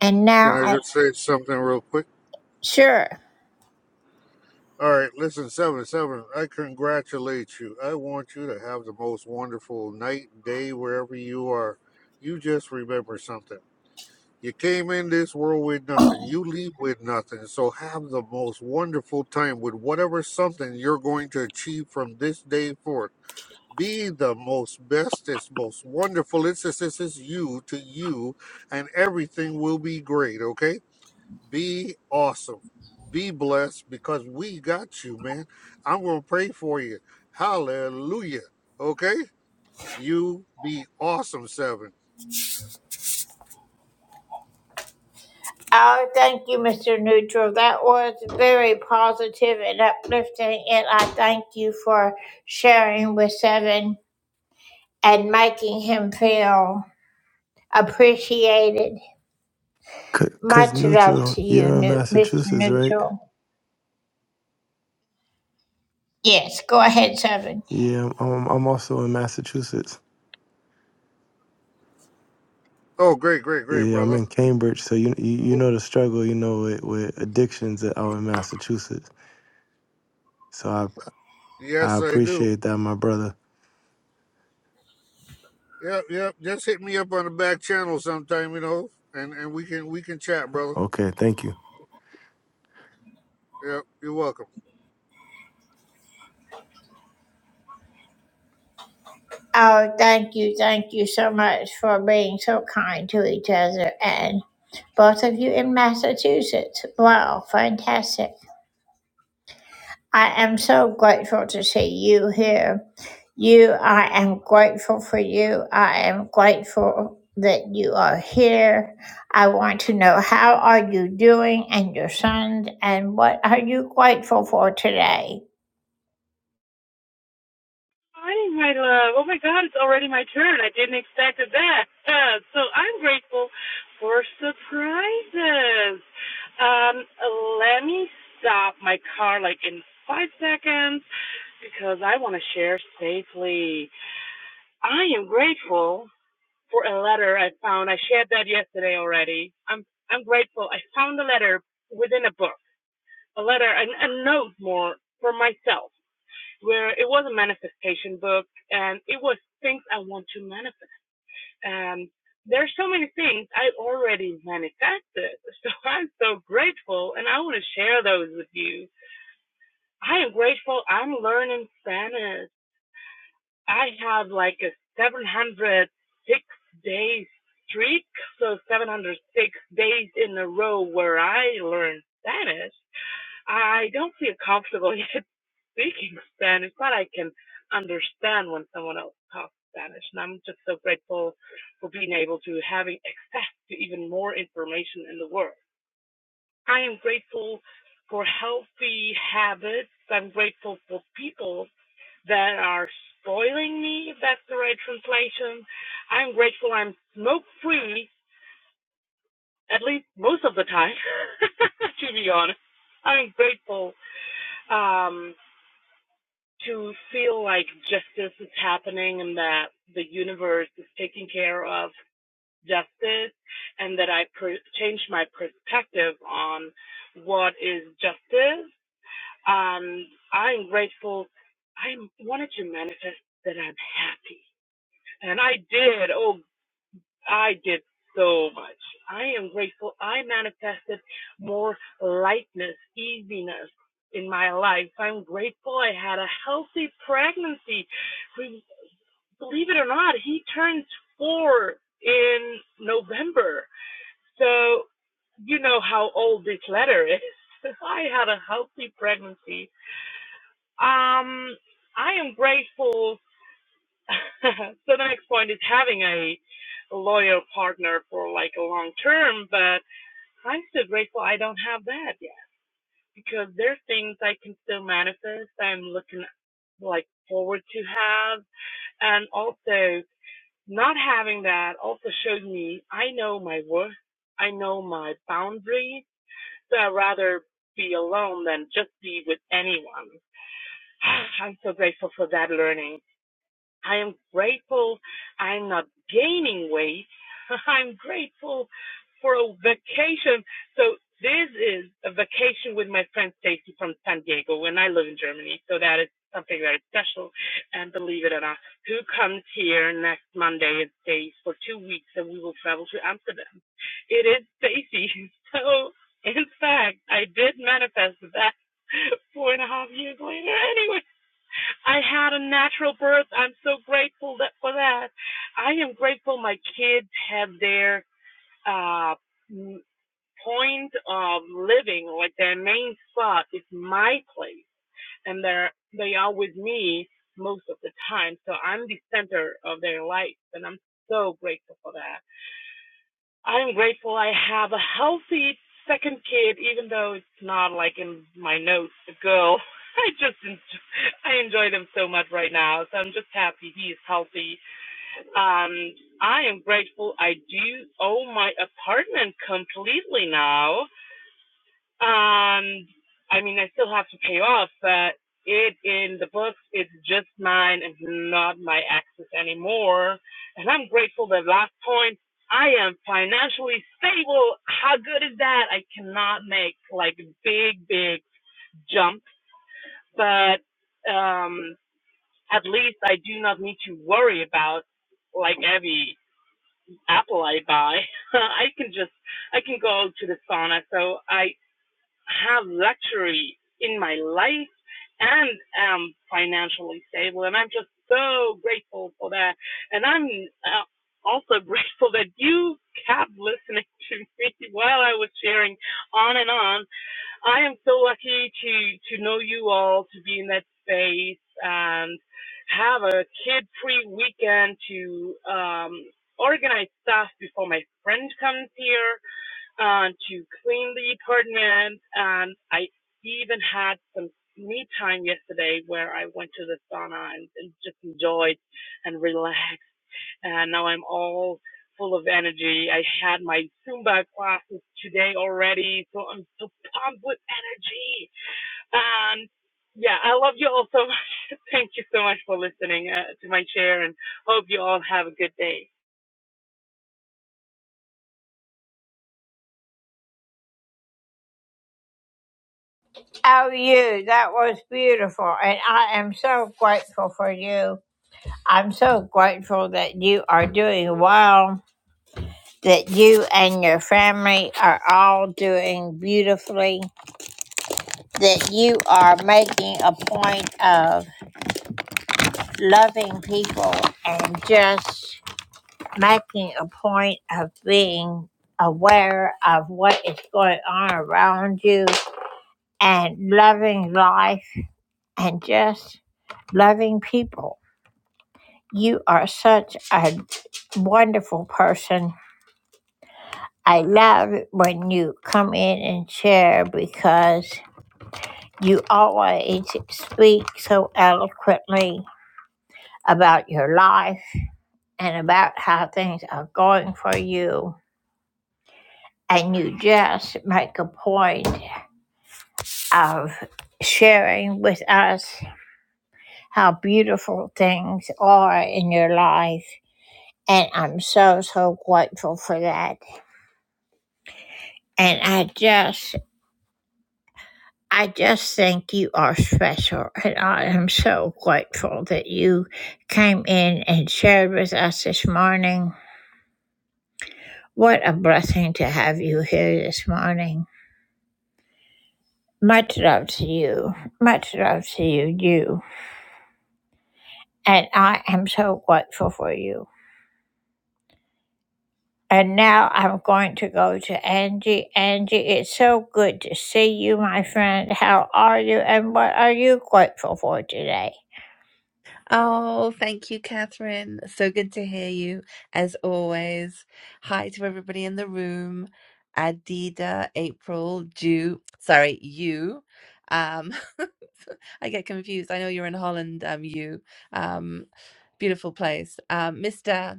And
Can
now
I
I,
just say something real quick?
sure.
All right, listen, seven seven. I congratulate you. I want you to have the most wonderful night, day, wherever you are. You just remember something. You came in this world with nothing. You leave with nothing. So have the most wonderful time with whatever something you're going to achieve from this day forth. Be the most bestest, most wonderful. It's, it's, it's, it's you to you, and everything will be great, okay? Be awesome. Be blessed because we got you, man. I'm going to pray for you. Hallelujah. Okay? You be awesome, seven.
Oh, thank you, Mr. Neutral. That was very positive and uplifting, and I thank you for sharing with Seven and making him feel appreciated.
C- Cause
Much love
neutral,
to you,
you're in
Neu- Mr.
Massachusetts, right?
Neutral. Yes, go ahead, Seven.
Yeah, I'm, I'm also in Massachusetts.
Oh, great, great, great,
Yeah, I'm
brother.
in Cambridge, so you you, you
Oh,
know the struggle, you know, with, with addictions out in Massachusetts. So I I
yes, I do.
appreciate that, my brother.
Yep, yep. Just hit me up on the back channel sometime, you know, and and we can we can chat, brother.
Okay, thank you.
Yep, you're welcome.
Oh, thank you, thank you so much for being so kind to each other and both of you in Massachusetts. Wow, fantastic. I am so grateful to see you here You, I am grateful for you. I am grateful that you are here. I want to know how are you doing and your sons and what are you grateful for today?
morning, my love. Oh my God, it's already my turn. I didn't expect that. Uh, so I'm grateful for surprises. Um, let me stop my car like in five seconds because I want to share safely. I am grateful for a letter I found. I shared that yesterday already. I'm I'm grateful. I found a letter within a book, a letter, an, a note more for myself where it was a manifestation book and it was things I want to manifest. And there are so many things I already manifested. So I'm so grateful and I want to share those with you. I am grateful I'm learning Spanish. I have like a 706 day streak. So 706 days in a row where I learn Spanish. I don't feel comfortable yet speaking Spanish, but I can understand when someone else talks Spanish. And I'm just so grateful for being able to having access to even more information in the world. I am grateful for healthy habits. I'm grateful for people that are spoiling me, if that's the right translation. I'm grateful I'm smoke free, at least most of the time, to be honest. I'm grateful um, to feel like justice is happening and that the universe is taking care of justice and that I per- changed my perspective on what is justice. Um, I'm grateful. I wanted to manifest that I'm happy. And I did. Oh I did so much. I am grateful. I manifested more lightness, easiness in my life. I'm grateful I had a healthy pregnancy. We- Believe it or not, he turns four in November. So you know how old this letter is. I had a healthy pregnancy. Um, I am grateful so the next point is having a loyal partner for like a long term, but I'm still grateful I don't have that yet because there are things I can still manifest. I'm looking like forward to have and also not having that also showed me I know my worth. I know my boundaries. So I'd rather be alone than just be with anyone. I'm so grateful for that learning. I am grateful I'm not gaining weight. I'm grateful for a vacation. So this is a vacation with my friend Stacy from San Diego and I live in Germany. So that is something very special. And believe it or not, who comes here next Monday and stays for two weeks and we will travel to Amsterdam? It is Stacy. So in fact, I did manifest that four and a half years later anyway. I had a natural birth. I'm so grateful that for that. I am grateful my kids have their uh, point of living, like their main spot is my place, and they're they are with me most of the time. So I'm the center of their life, and I'm so grateful for that. I'm grateful I have a healthy second kid, even though it's not like in my notes, a girl. I just enjoy, I enjoy them so much right now, so I'm just happy he is healthy. Um, I am grateful I do own my apartment completely now. Um, I mean, I still have to pay off, but it in the books, it's just mine and not my access anymore. And I'm grateful that last point, I am financially stable. How good is that? I cannot make like big, big jumps, but um, at least I do not need to worry about like every apple I buy. I can just I can go to the sauna. So I have luxury in my life and am financially stable. And I'm just so grateful for that. And I'm uh, also grateful that you kept listening to me while I was sharing on and on. I am so lucky to, to know you all, to be in that space and have a kid free weekend to, um, organize stuff before my friend comes here uh, to clean the apartment. And I even had some me time yesterday where I went to the sauna and, and just enjoyed and relaxed. And now I'm all full of energy. I had my Zumba classes today already, so I'm so pumped with energy. And yeah, I love you all so much. Thank you so much for listening uh, to my share and hope you all have a good day.
Oh, you, that was beautiful. And I am so grateful for you. I'm so grateful that you are doing well, that you and your family are all doing beautifully, that you are making a point of loving people and just making a point of being aware of what is going on around you and loving life and just loving people. You are such a wonderful person. I love when you come in and share because you always speak so eloquently about your life and about how things are going for you and you just make a point of sharing with us how beautiful things are in your life. And I'm so, so grateful for that. And I just, I just think you are special. And I am so grateful that you came in and shared with us this morning. What a blessing to have you here this morning. Much love to you. Much love to you, you. and I am so grateful for you. And now I'm going to go to Angie. Angie, it's so good to see you, my friend. How are you, and what are you grateful for today?
Oh, thank you, Catherine. So good to hear you, as always. Hi to everybody in the room. Adida, April, Ju, sorry, you. Um, I get confused. I know you're in Holland, um, you. Um, beautiful place. Um, Mr.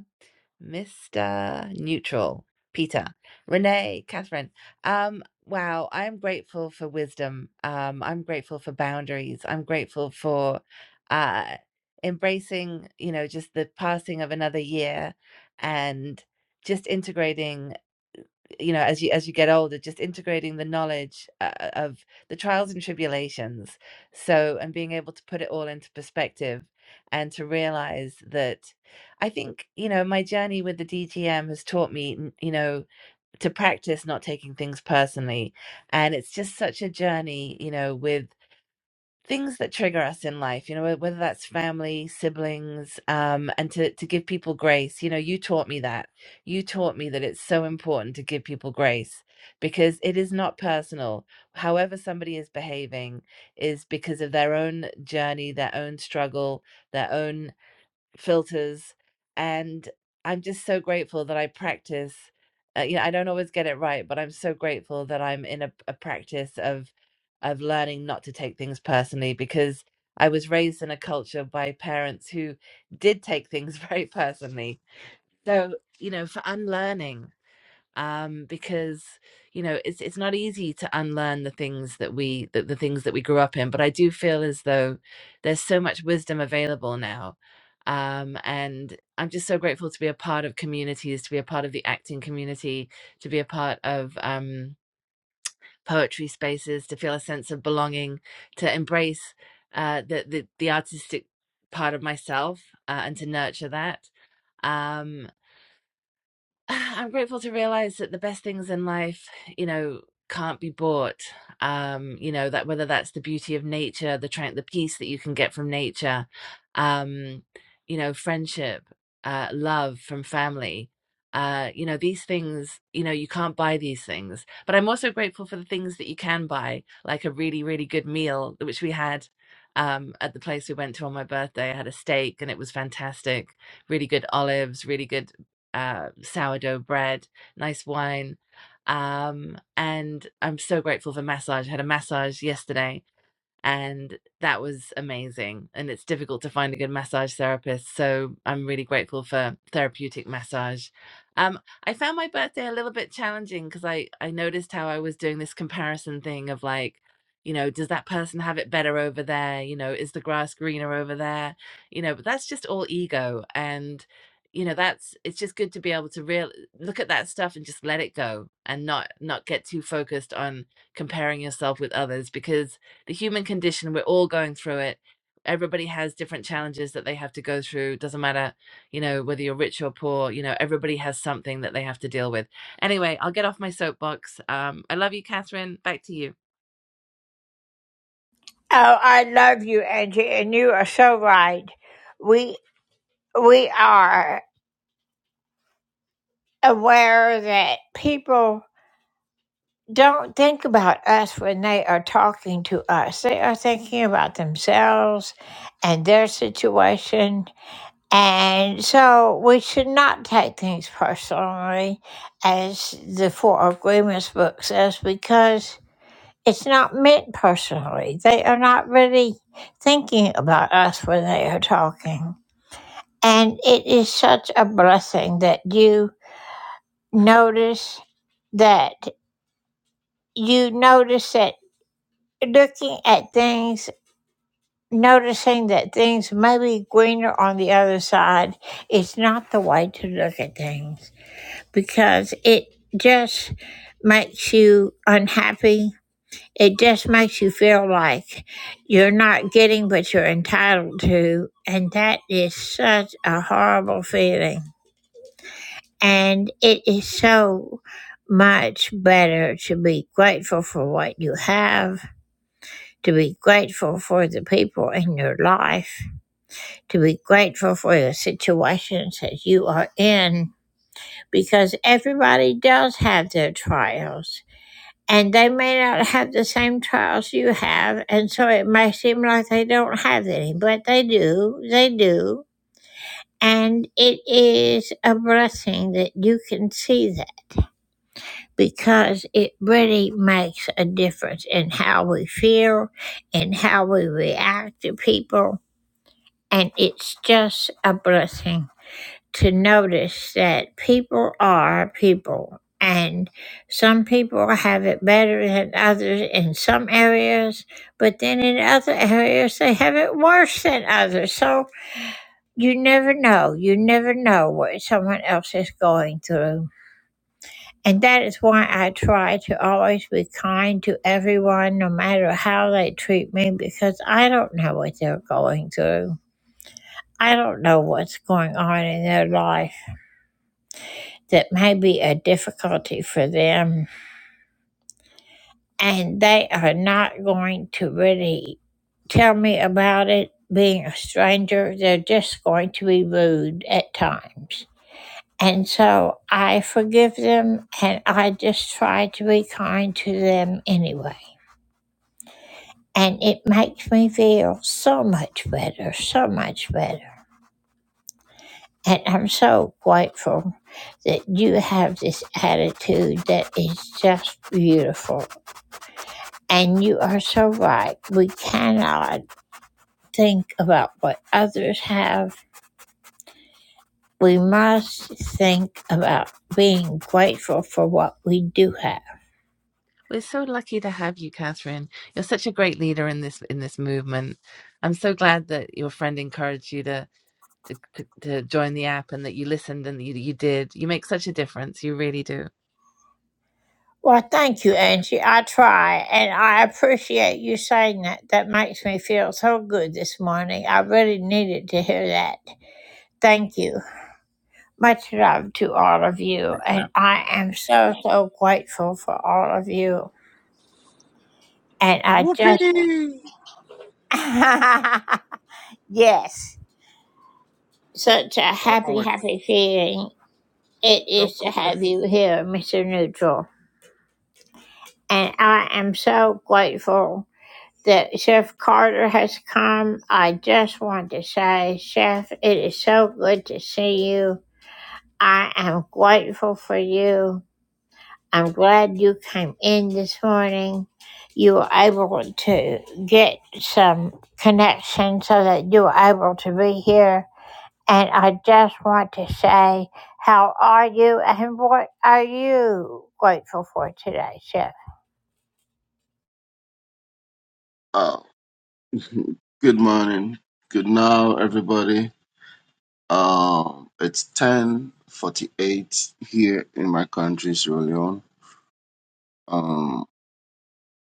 Mr. Neutral, Peter, Renee, Catherine. Um, wow, I'm grateful for wisdom. Um, I'm grateful for boundaries. I'm grateful for uh, embracing, you know, just the passing of another year and just integrating you know as you as you get older just integrating the knowledge uh, uh, of the trials and tribulations so and being able to put it all into perspective and to realize that i think you know my journey with the dgm has taught me n- you know to practice not taking things personally and it's just such a journey you know with things that trigger us in life you know whether that's family siblings um and to to give people grace you know you taught me that you taught me that it's so important to give people grace because it is not personal however somebody is behaving is because of their own journey their own struggle their own filters and i'm just so grateful that i practice uh, you know i don't always get it right but i'm so grateful that i'm in a, a practice of of learning not to take things personally because i was raised in a culture by parents who did take things very personally so you know for unlearning um because you know it's it's not easy to unlearn the things that we that the things that we grew up in but i do feel as though there's so much wisdom available now um and i'm just so grateful to be a part of communities to be a part of the acting community to be a part of um poetry spaces to feel a sense of belonging to embrace uh the the, the artistic part of myself uh, and to nurture that Um, I'm grateful to realize that the best things in life, you know, can't be bought. Um, you know, that whether that's the beauty of nature, the tran the peace that you can get from nature, um, you know, friendship, uh, love from family. Uh, you know, these things, you know, you can't buy these things. But I'm also grateful for the things that you can buy, like a really, really good meal, which we had um at the place we went to on my birthday. I had a steak and it was fantastic, really good olives, really good uh, sourdough bread, nice wine. Um, and I'm so grateful for massage. I had a massage yesterday and that was amazing. And it's difficult to find a good massage therapist, so I'm really grateful for therapeutic massage. Um, I found my birthday a little bit challenging because I I noticed how I was doing this comparison thing of like, you know, does that person have it better over there? You know, is the grass greener over there? You know, but that's just all ego and. You know that's it's just good to be able to real look at that stuff and just let it go and not not get too focused on comparing yourself with others because the human condition we're all going through it everybody has different challenges that they have to go through doesn't matter you know whether you're rich or poor you know everybody has something that they have to deal with anyway i'll get off my soapbox um, i love you catherine back to you
Oh, I love you, Angie, and you are so right. We we are aware that people don't think about us when they are talking to us. They are thinking about themselves and their situation. And so we should not take things personally, as the Four Agreements book says, because it's not meant personally. They are not really thinking about us when they are talking. And it is such a blessing that you notice that you notice that. looking at things, noticing that things may be greener on the other side is not the way to look at things because it just makes you unhappy. It just makes you feel like you're not getting what you're entitled to. And that is such a horrible feeling. And it is so much better to be grateful for what you have to be grateful for the people in your life, to be grateful for the situations that you are in, because everybody does have their trials. And they may not have the same trials you have, and so it may seem like they don't have any, but they do, they do. And it is a blessing that you can see that because it really makes a difference in how we feel, in how we react to people And it's just a blessing to notice that people are people. And some people have it better than others in some areas, but then in other areas they have it worse than others. So you never know. You never know what someone else is going through. And that is why I try to always be kind to everyone, no matter how they treat me, because I don't know what they're going through. I don't know what's going on in their life that may be a difficulty for them, and they are not going to really tell me about it being a stranger. They're just going to be rude at times. And so I forgive them and I just try to be kind to them anyway. And it makes me feel so much better, so much better. And I'm so grateful that you have this attitude that is just beautiful. And you are so right. We cannot think about what others have. We must think about being grateful for what we do have.
we're so lucky to have you catherine you're such a great leader in this in this movement i'm so glad that your friend encouraged you to to, to to join the app and that you listened and you, you did you make such a difference you really do
Well, thank you, Angie. I try, and I appreciate you saying that. That makes me feel so good this morning. I really needed to hear that. Thank you. Much love to all of you. And I am so, so grateful for all of you. And I just,
Whoopee!
yes, such a happy,
Always.
happy feeling it
Of
is
course.
to have you here, Mr. Neutral. And I am so grateful that Chef Carter has come. I just want to say, Chef, it is so good to see you. I am grateful for you. I'm glad you came in this morning. You were able to get some connection so that you were able to be here. And I just want to say, how are you and what are you grateful for today, Chef?
Uh, good morning, good now, everybody. Um, it's ten forty-eight here in my country, Sierra Leone. Um,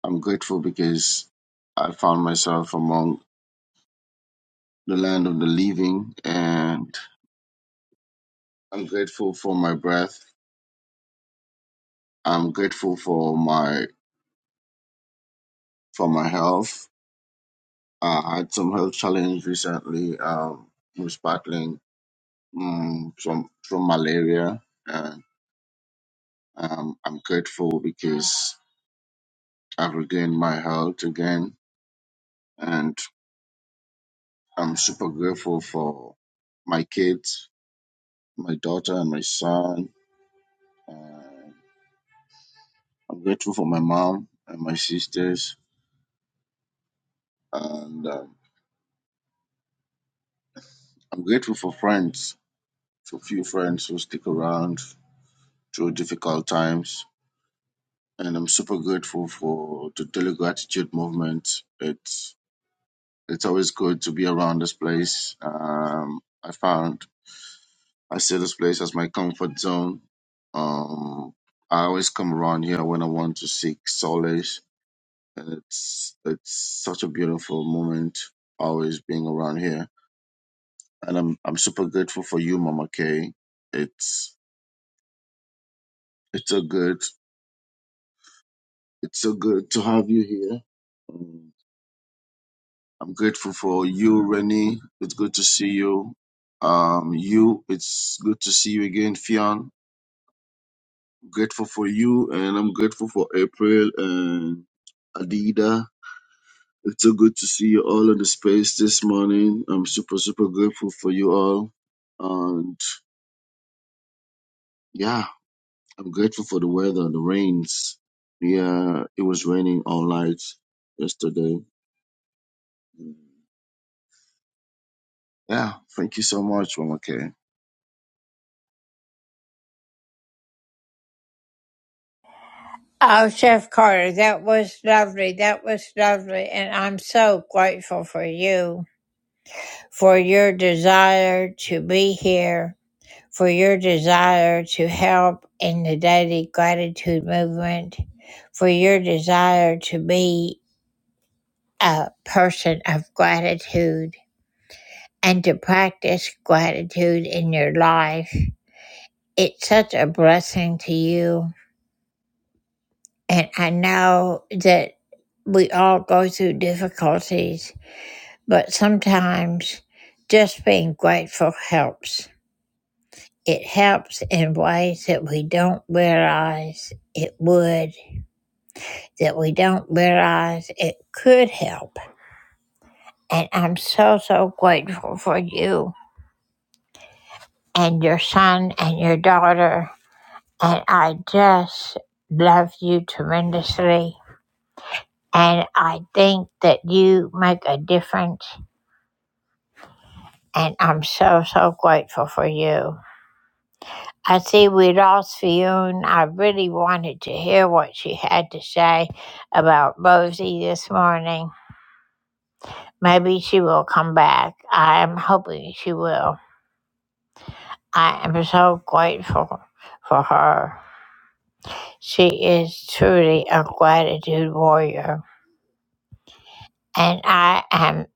I'm grateful because I found myself among the land of the living, and I'm grateful for my breath. I'm grateful for my for my health. Uh, I had some health challenge recently. Um, was battling um, from from malaria, and um, I'm grateful because. I've regained my health again, and I'm super grateful for my kids, my daughter and my son. And I'm grateful for my mom and my sisters, and um, I'm grateful for friends, for few friends who stick around through difficult times. And I'm super grateful for the Daily Gratitude Movement. It's it's always good to be around this place. Um, I found I see this place as my comfort zone. Um, I always come around here when I want to seek solace, and it's it's such a beautiful moment always being around here. And I'm I'm super grateful for you, Mama Kay. It's it's so good. It's so good to have you here. Um, I'm grateful for you, Rennie. It's good to see you. Um, you. It's good to see you again, Fionn. grateful for you, and I'm grateful for April and Adida. It's so good to see you all in the space this morning. I'm super, super grateful for you all. And yeah, I'm grateful for the weather, the rains. Yeah, it was raining all night yesterday. Yeah, thank you so much, Mama K.
Oh, Chef Carter, that was lovely. That was lovely. And I'm so grateful for you, for your desire to be here for your desire to help in the daily gratitude movement, for your desire to be a person of gratitude and to practice gratitude in your life. It's such a blessing to you. And I know that we all go through difficulties, but sometimes just being grateful helps. It helps in ways that we don't realize it would that we don't realize it could help. And I'm so, so grateful for you and your son and your daughter. And I just love you tremendously. And I think that you make a difference. And I'm so, so grateful for you. I see we lost Fionn. I really wanted to hear what she had to say about Rosie this morning. Maybe she will come back. I'm hoping she will. I am so grateful for her. She is truly a gratitude warrior. And I am,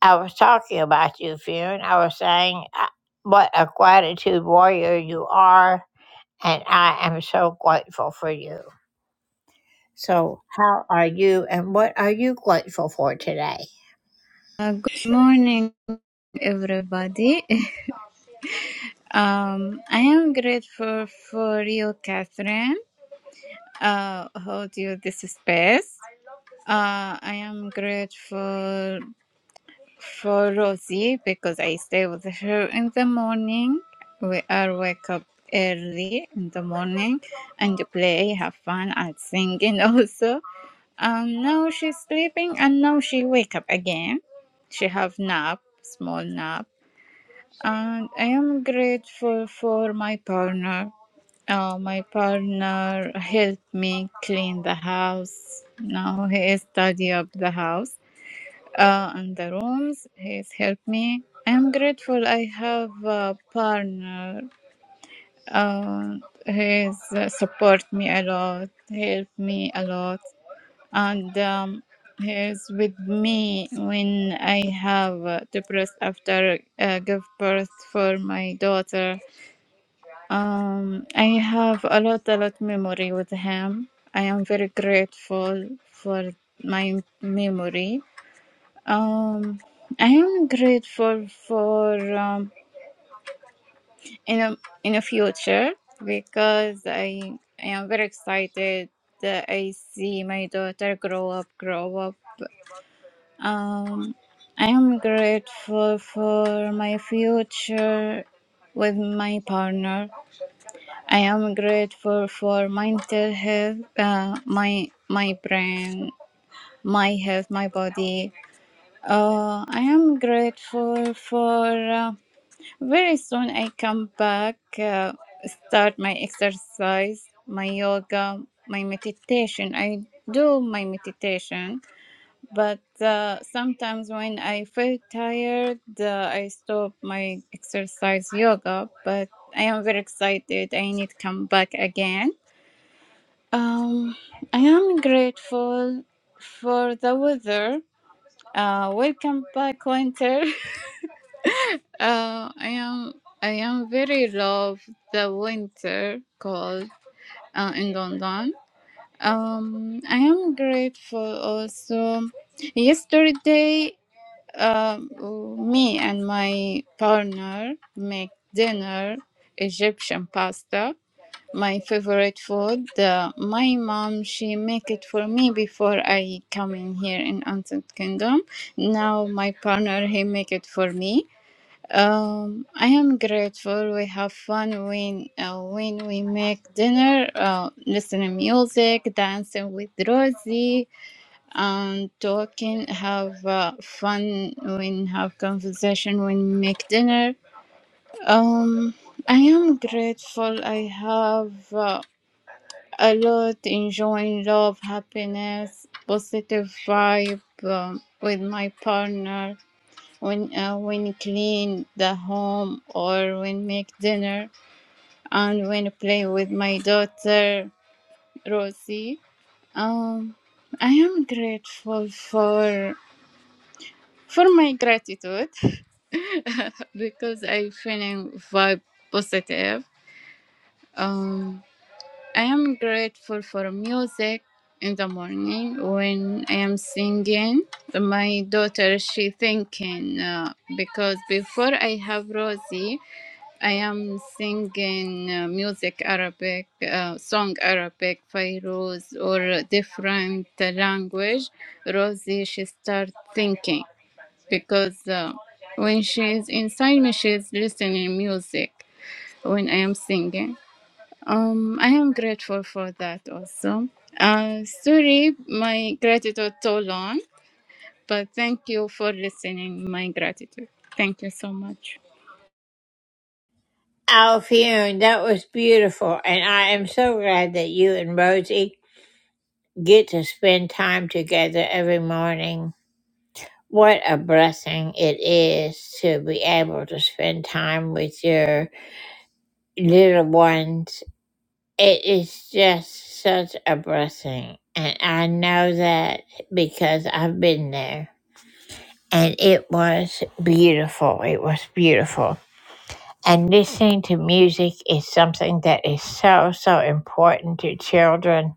I was talking about you, Fionn. I was saying uh, what a gratitude warrior you are. And I am so grateful for you. So, how are you and what are you grateful for today?
Uh, good morning, everybody. Um, I am grateful for you, Catherine, uh, hold you this space. Uh, I am grateful for Rosie because I stay with her in the morning. We are wake up early in the morning and play, have fun, and singing also. Um, now she's sleeping and now she wake up again. She have nap, small nap And I am grateful for my partner. Uh, my partner helped me clean the house. Now he is tidy up the house uh, and the rooms. He's helped me. I am grateful I have a partner. Uh, he's uh, support me a lot, helped me a lot and um, he is with me when I have uh, depressed after uh, give birth for my daughter. Um, I have a lot, a lot memory with him. I am very grateful for my memory. Um, I am grateful for um, in a in a future because I I am very excited that I see my daughter grow up, grow up Um, I am grateful for my future with my partner. I am grateful for mental health, uh, my my brain, my health, my body. Uh, I am grateful for uh, very soon I come back, uh, start my exercise, my yoga, my meditation. I do my meditation but uh, sometimes when I feel tired, uh, I stop my exercise yoga. But I am very excited. I need to come back again. Um, I am grateful for the weather. Uh, welcome back, winter. Uh, I am I am very love the winter cold uh, in London. Um, I am grateful also. Yesterday Um, me and my partner make dinner Egyptian pasta. My favorite food. Uh, my mom she make it for me before I come in here in United Kingdom. Now my partner he make it for me. Um, I am grateful. We have fun when uh, when we make dinner, uh, listening music, dancing with Rosie and talking, have uh, fun when have conversation when make dinner. Um, I am grateful. I have uh, a lot enjoying love, happiness, positive vibe um, with my partner when uh, when clean the home or when make dinner and when play with my daughter Rosie. Um, I am grateful for. for my gratitude because I feeling vibe positive. Um, I am grateful for music in the morning when I am singing. My daughter she thinking uh, because before I have Rosie, I am singing uh, music Arabic, uh, song Arabic, Fairuz or different language. Rosie she start thinking because uh, when she's inside me, she's listening music when I am singing. Um, I am grateful for that also. Uh, sorry, my gratitude so long, but thank you for listening. My gratitude. Thank you so much.
Alfione, that was beautiful, and I am so glad that you and Rosie get to spend time together every morning. What a blessing it is to be able to spend time with your little ones. It is just such a blessing, and I know that because I've been there. And it was beautiful. It was beautiful. And listening to music is something that is so, so important to children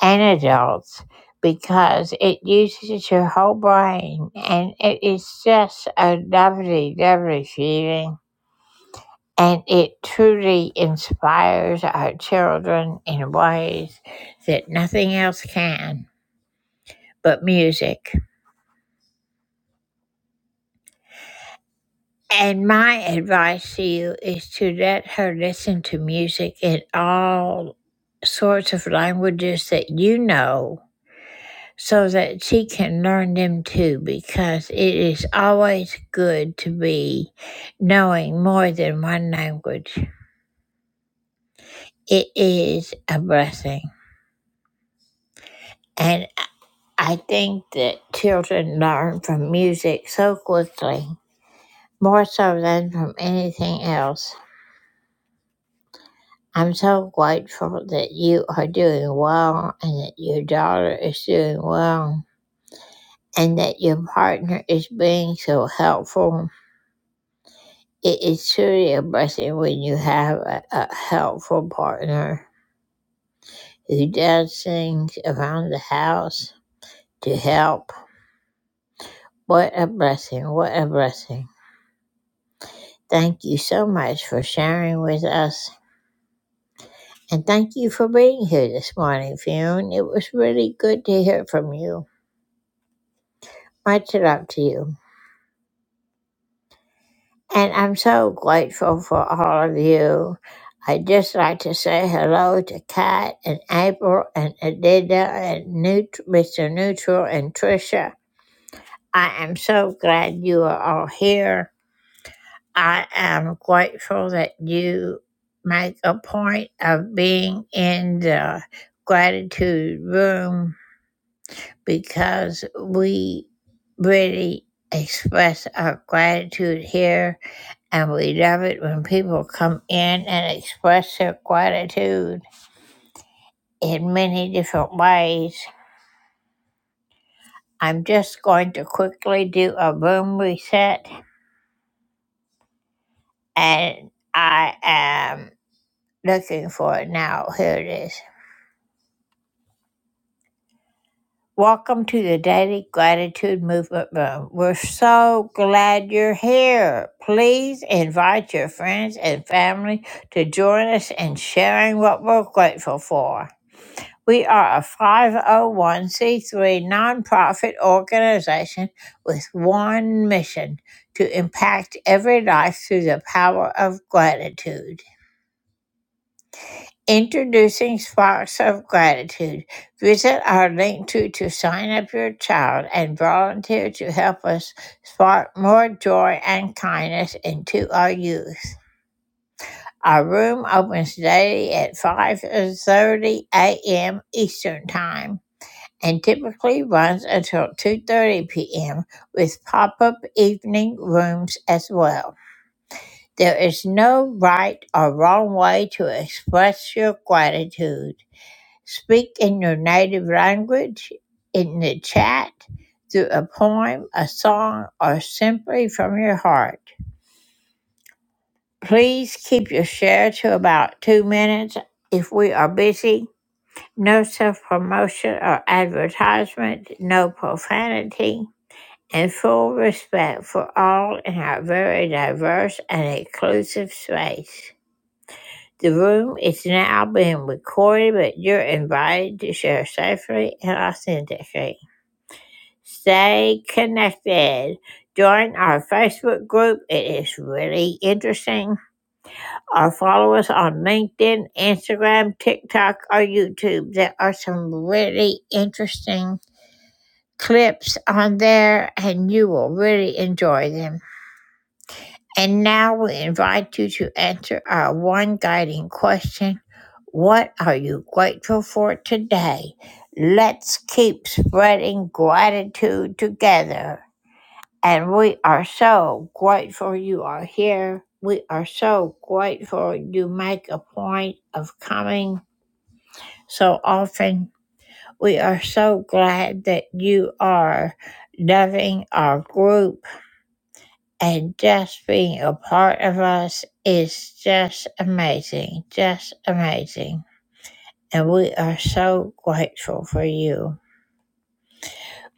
and adults because it uses your whole brain and it is just a lovely, lovely feeling. And it truly inspires our children in ways that nothing else can but music. And my advice to you is to let her listen to music in all sorts of languages that you know so that she can learn them too, because it is always good to be knowing more than one language. It is a blessing. And I think that children learn from music so quickly, more so than from anything else. I'm so grateful that you are doing well and that your daughter is doing well and that your partner is being so helpful. It is truly a blessing when you have a, a helpful partner who does things around the house to help. What a blessing! What a blessing. Thank you so much for sharing with us. And thank you for being here this morning, Fionn. It was really good to hear from you. Much love to you. And I'm so grateful for all of you. I'd just like to say hello to Kat and April and Adida and Neut- Mr. Neutral and Trisha. I am so glad you are all here. I am grateful that you make a point of being in the gratitude room because we really express our gratitude here and we love it when people come in and express their gratitude in many different ways. I'm just going to quickly do a room reset, and I am looking for it now. Here it is. Welcome to the Daily Gratitude Movement Room. We're so glad you're here. Please invite your friends and family to join us in sharing what we're grateful for. We are a 501c3 nonprofit organization with one mission to impact every life through the power of gratitude. Introducing Sparks of Gratitude. Visit our link to, to sign up your child and volunteer to help us spark more joy and kindness into our youth. Our room opens daily at 5:30 a.m. Eastern Time and typically runs until 2:30 p.m. with pop-up evening rooms as well. There is no right or wrong way to express your gratitude. Speak in your native language, in the chat, through a poem, a song, or simply from your heart. Please keep your share to about two minutes if we are busy. No self promotion or advertisement, no profanity and full respect for all in our very diverse and inclusive space. The room is now being recorded, but you're invited to share safely and authentically. Stay connected. Join our Facebook group, it is really interesting. Or follow us on LinkedIn, Instagram, TikTok, or YouTube. There are some really interesting clips on there, and you will really enjoy them. And now we invite you to answer our one guiding question What are you grateful for today? Let's keep spreading gratitude together. And we are so grateful you are here. We are so grateful you make a point of coming so often. We are so glad that you are loving our group and just being a part of us is just amazing, just amazing. And we are so grateful for you.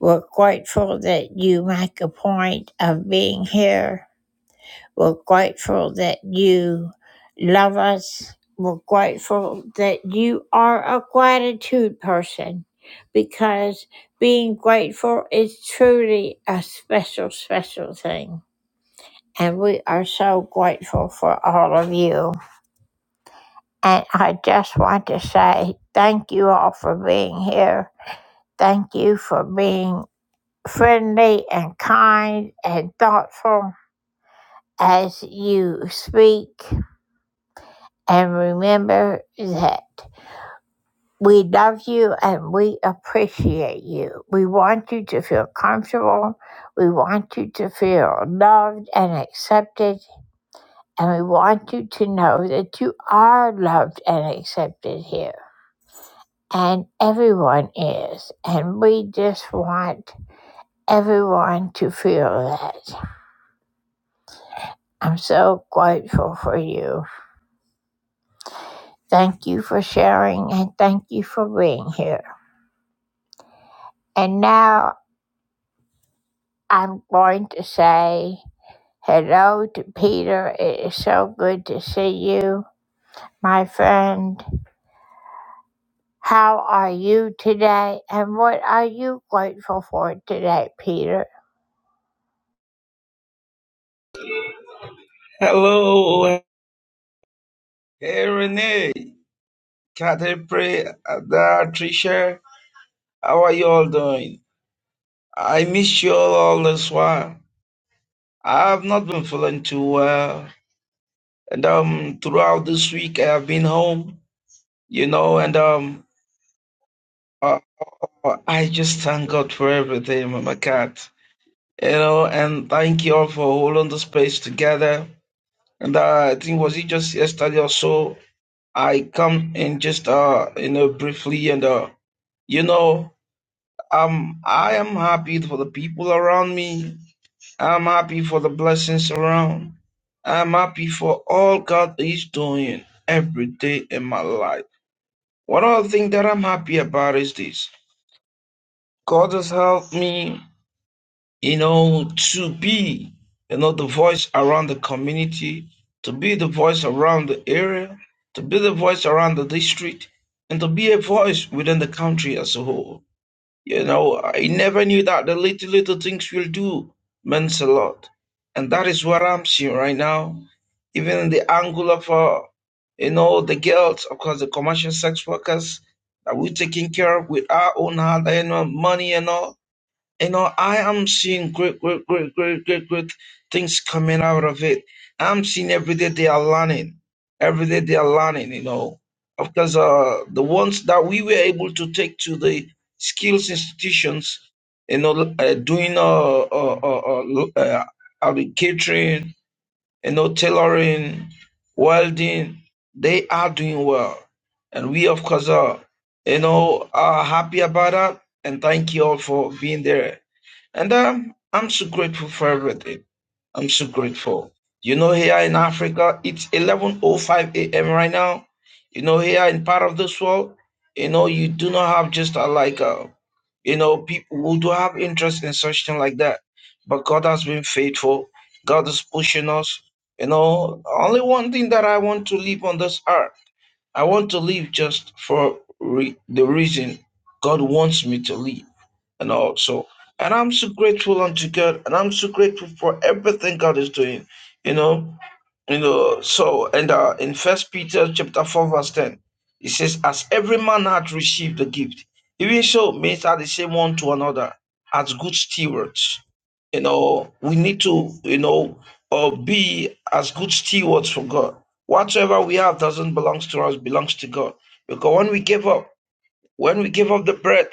We're grateful that you make a point of being here. We're grateful that you love us. We're grateful that you are a gratitude person because being grateful is truly a special, special thing. And we are so grateful for all of you. And I just want to say thank you all for being here. Thank you for being friendly and kind and thoughtful as you speak. And remember that we love you and we appreciate you. We want you to feel comfortable. We want you to feel loved and accepted And we want you to know that you are loved and accepted here. And everyone is. And we just want everyone to feel that. I'm so grateful for you. Thank you for sharing and thank you for being here. And now I'm going to say hello to Peter. It is so good to see you, my friend. How are you today, and what are you grateful for today, Peter?
Hello, hey Renee, Catherine, Pre, Ada, Trisha, how are you all doing? I miss you all, all this while. I have not been feeling too well, and um, throughout this week I have been home, you know, and um, uh, uh, I just thank God for everything, Mama Cat, you know, and thank you all for holding the space together. And uh, I think was it just yesterday or so? I come in just uh, you know, briefly and uh, you know. Um, I am happy for the people around me. I'm happy for the blessings around. I'm happy for all God is doing every day in my life. One of the things that I'm happy about is this. God has helped me, you know, to be, you know, the voice around the community, to be the voice around the area, to be the voice around the district, and to be a voice within the country as a whole. You know, I never knew that the little little things will do means a lot, and that is what I'm seeing right now. Even in the angle of, uh, you know, the girls, of course, the commercial sex workers that we're taking care of with our own hard-earned money and all. You know, I am seeing great, great, great, great, great, great things coming out of it. I'm seeing every day they are learning. Every day they are learning, you know. Of course, uh, the ones that we were able to take to the skills institutions, you know, uh, doing uh, uh, uh, uh, lo- uh, uh, catering, you know, tailoring, welding, they are doing well. And we, of course, are, you know, are happy about that. And thank you all for being there. And um, I'm so grateful for everything. I'm so grateful. You know, here in Africa, it's 11.05 a.m. right now. You know, here in part of this world, you know, you do not have just uh like, uh, you know, people who do have interest in such thing like that. But God has been faithful. God is pushing us. You know, only one thing that I want to live on this earth. I want to live just for re- the reason God wants me to live and also. And I'm so grateful unto God, and I'm so grateful for everything God is doing. You know, you know. So, and uh, in First Peter chapter four verse ten, it says, "As every man hath received the gift, even so minister the same one to another as good stewards." You know, we need to, you know, uh, be as good stewards for God. Whatever we have doesn't belong to us; belongs to God. Because when we give up. When we give up the breath,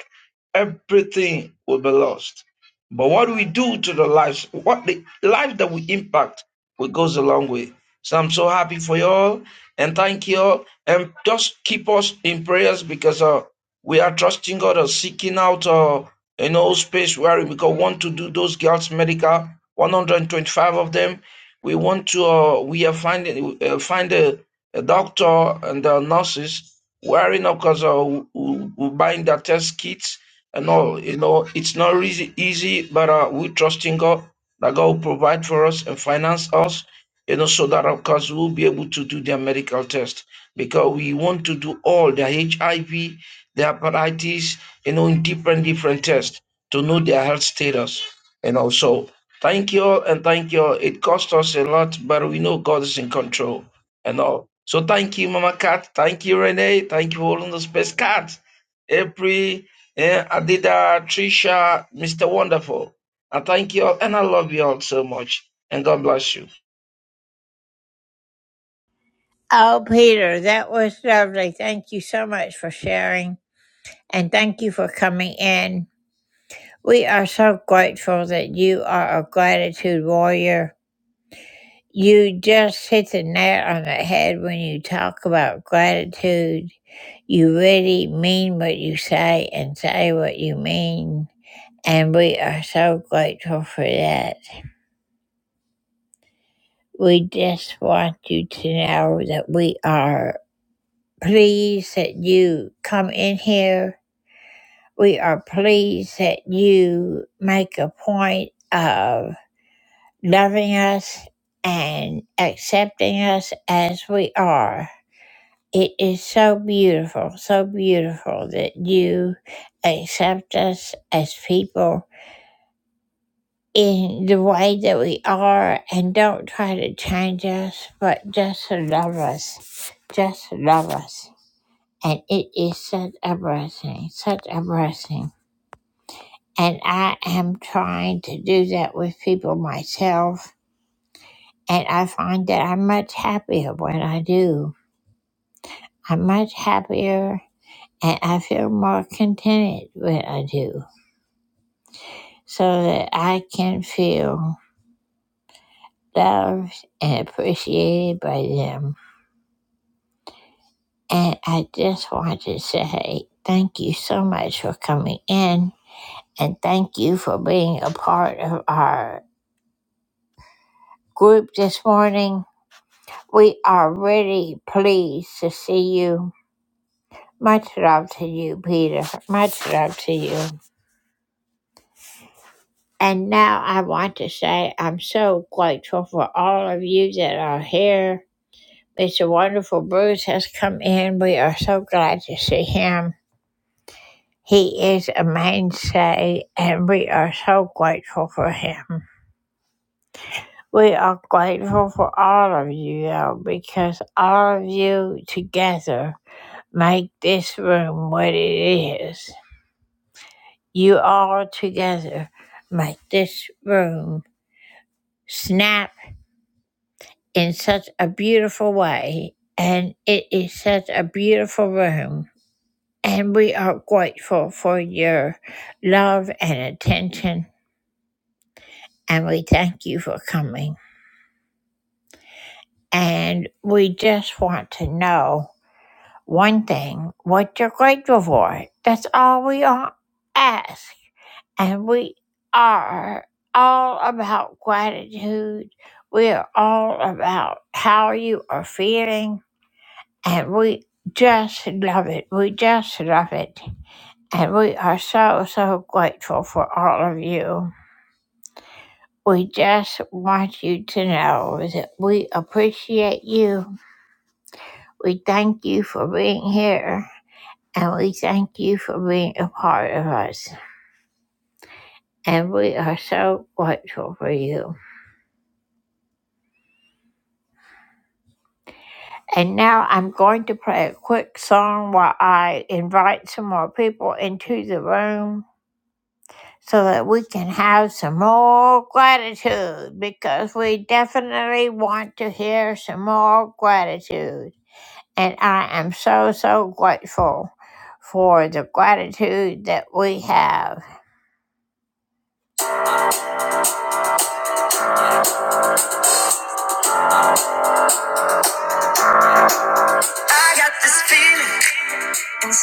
everything will be lost. But what we do to the lives, what the life that we impact, it goes a long way. So I'm so happy for you all and thank you all. And just keep us in prayers because uh, we are trusting God and seeking out uh, you know space where we go want to do those girls medical, 125 of them. We want to uh, we are finding uh, find a the doctor and the nurses wearing, of course, uh, who- who- buying their test kits and all. You know, it's not really easy, but uh, we trust in God that God will provide for us and finance us, you know, so that, of course, we'll be able to do their medical test because we want to do all their HIV, their hepatitis, you know, in different, different tests to know their health status. And also, thank you all and thank you all. It cost us a lot, but we know God is in control and all. So thank you, Mama Cat. Thank you, Renee. Thank you for holding the space, Cat. April, eh, Adida, Trisha, Mr. Wonderful. And thank you all. And I love you all so much. And God bless you.
Oh, Peter, that was lovely. Thank you so much for sharing, and thank you for coming in. We are so grateful that you are a gratitude warrior. You just hit the nail on the head when you talk about gratitude. You really mean what you say and say what you mean. And we are so grateful for that. We just want you to know that we are pleased that you come in here. We are pleased that you make a point of loving us and accepting us as we are. It is so beautiful, so beautiful that you accept us as people in the way that we are and don't try to change us, but just love us. Just love us. And it is such a blessing, such a blessing. And I am trying to do that with people myself. And I find that I'm much happier when I do. I'm much happier And I feel more contented when I do, so that I can feel loved and appreciated by them. And I just want to say thank you so much for coming in, and thank you for being a part of our group this morning. We are really pleased to see you. Much love to you, Peter. Much love to you. And now I want to say I'm so grateful for all of you that are here. Mr. Wonderful Bruce has come in. We are so glad to see him. He is a mainstay, and we are so grateful for him. We are grateful for all of you, though, because all of you together make this room what it is. You all together make this room snap. in such a beautiful way. And it is such a beautiful room. And we are grateful for your love and attention. And we thank you for coming. And we just want to know one thing what you're grateful for. That's all we all ask. And we are all about gratitude. We are all about how you are feeling and we just love it. We just love it. And we are so, so grateful for all of you. We just want you to know that we appreciate you. We thank you for being here. And we thank you for being a part of us. And we are so grateful for you. And now I'm going to play a quick song while I invite some more people into the room. so that we can have some more gratitude because we definitely want to hear some more gratitude. And I am so, so grateful for the gratitude that we have.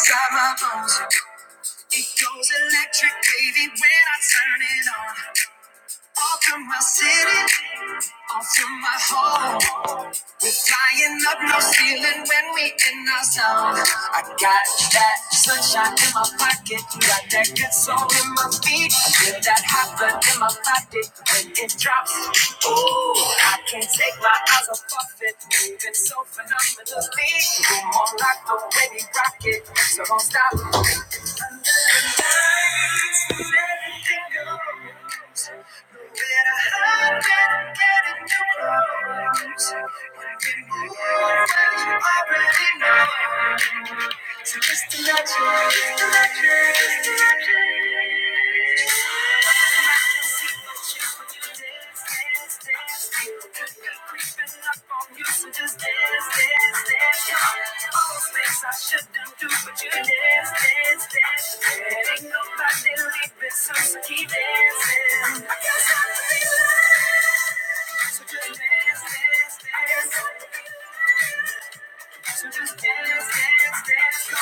Got my bones, it goes electric, baby, when I turn it on. All through my city, all through my home. We're flying up no ceiling when we in our zone. I got that sunshine in my pocket, got that good soul in my feet. I feel that hot blood in my body when it drops. Ooh, I can't take my eyes off of it, moving so phenomenally. Come on, rock the way we rock it, so don't stop. Sometimes everything goes. But when I hurt, can't get too close. When we move, when you already know. So just imagine, just imagine, just imagine. So just dance, dance, dance, go.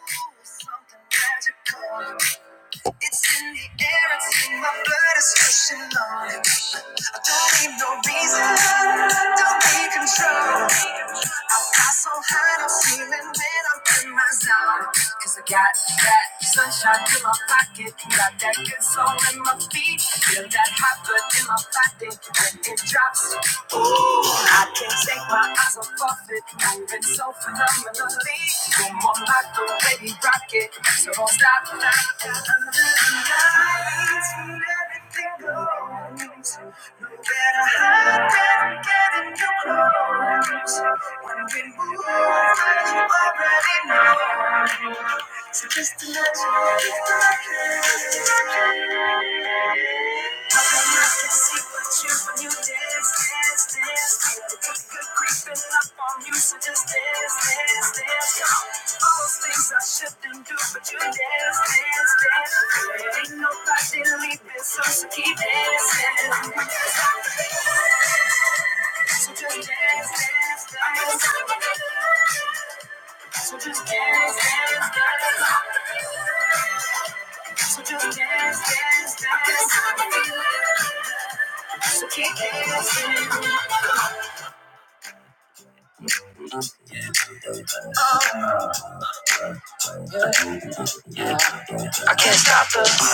Ooh, something magical. It's in the air, it's in my blood, it's rushing on. I don't need no reason, don't need control. I fly so high, no ceiling when I'm in my zone. Cause I got that sunshine in my pocket, got that good soul in my feet. Feel that hot blood in my body when it drops. I can't take my eyes off of it. Moving so phenomenally. You're more like the way rocket, So don't stop now. Under the lights, when everything goes. No better hide than getting you close. When we move, right, you already know. So just imagine. Just imagine. So just dance, dance, dance. I can't stop the,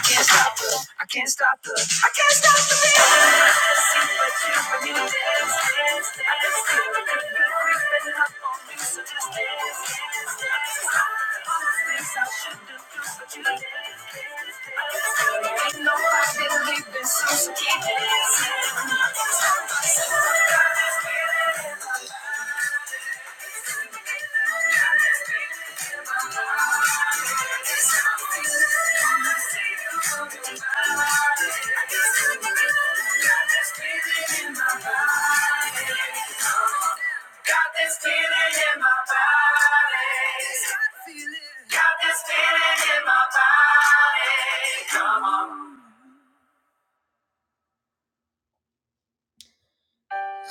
I can't stop the, I can't stop the, I can't stop the beat. I never see what you when you dance, dance, dance. I never see what you do creeping up on me, so just dance, dance, dance. I never stop the honest things I should do, do but you dance, dance, dance. I never see what you ain't nobody leaving, so so keep dancing. I never stop the feeling.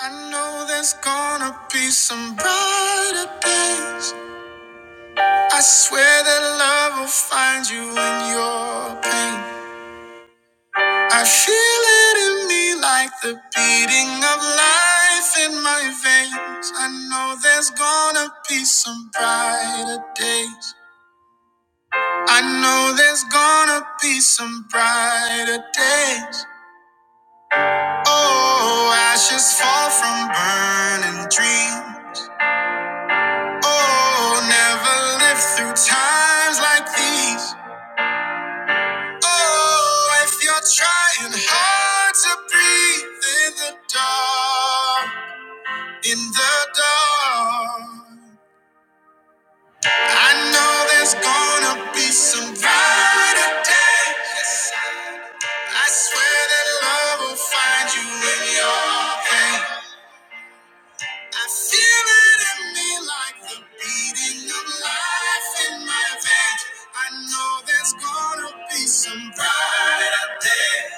I know there's gonna be some brighter days. I swear that love will find you in your pain. I feel it in me like the beating of life in my veins. I know there's gonna be some brighter days. I know there's gonna be some brighter days. Oh, ashes fall from burning dreams. Oh, never lived through times like these. Oh, if you're trying hard to breathe in the dark, in the dark, I know there's gonna be some brighter days. I swear that love will find you in your pain. I feel it in me like the beating of life in my veins. I know there's gonna be some brighter days.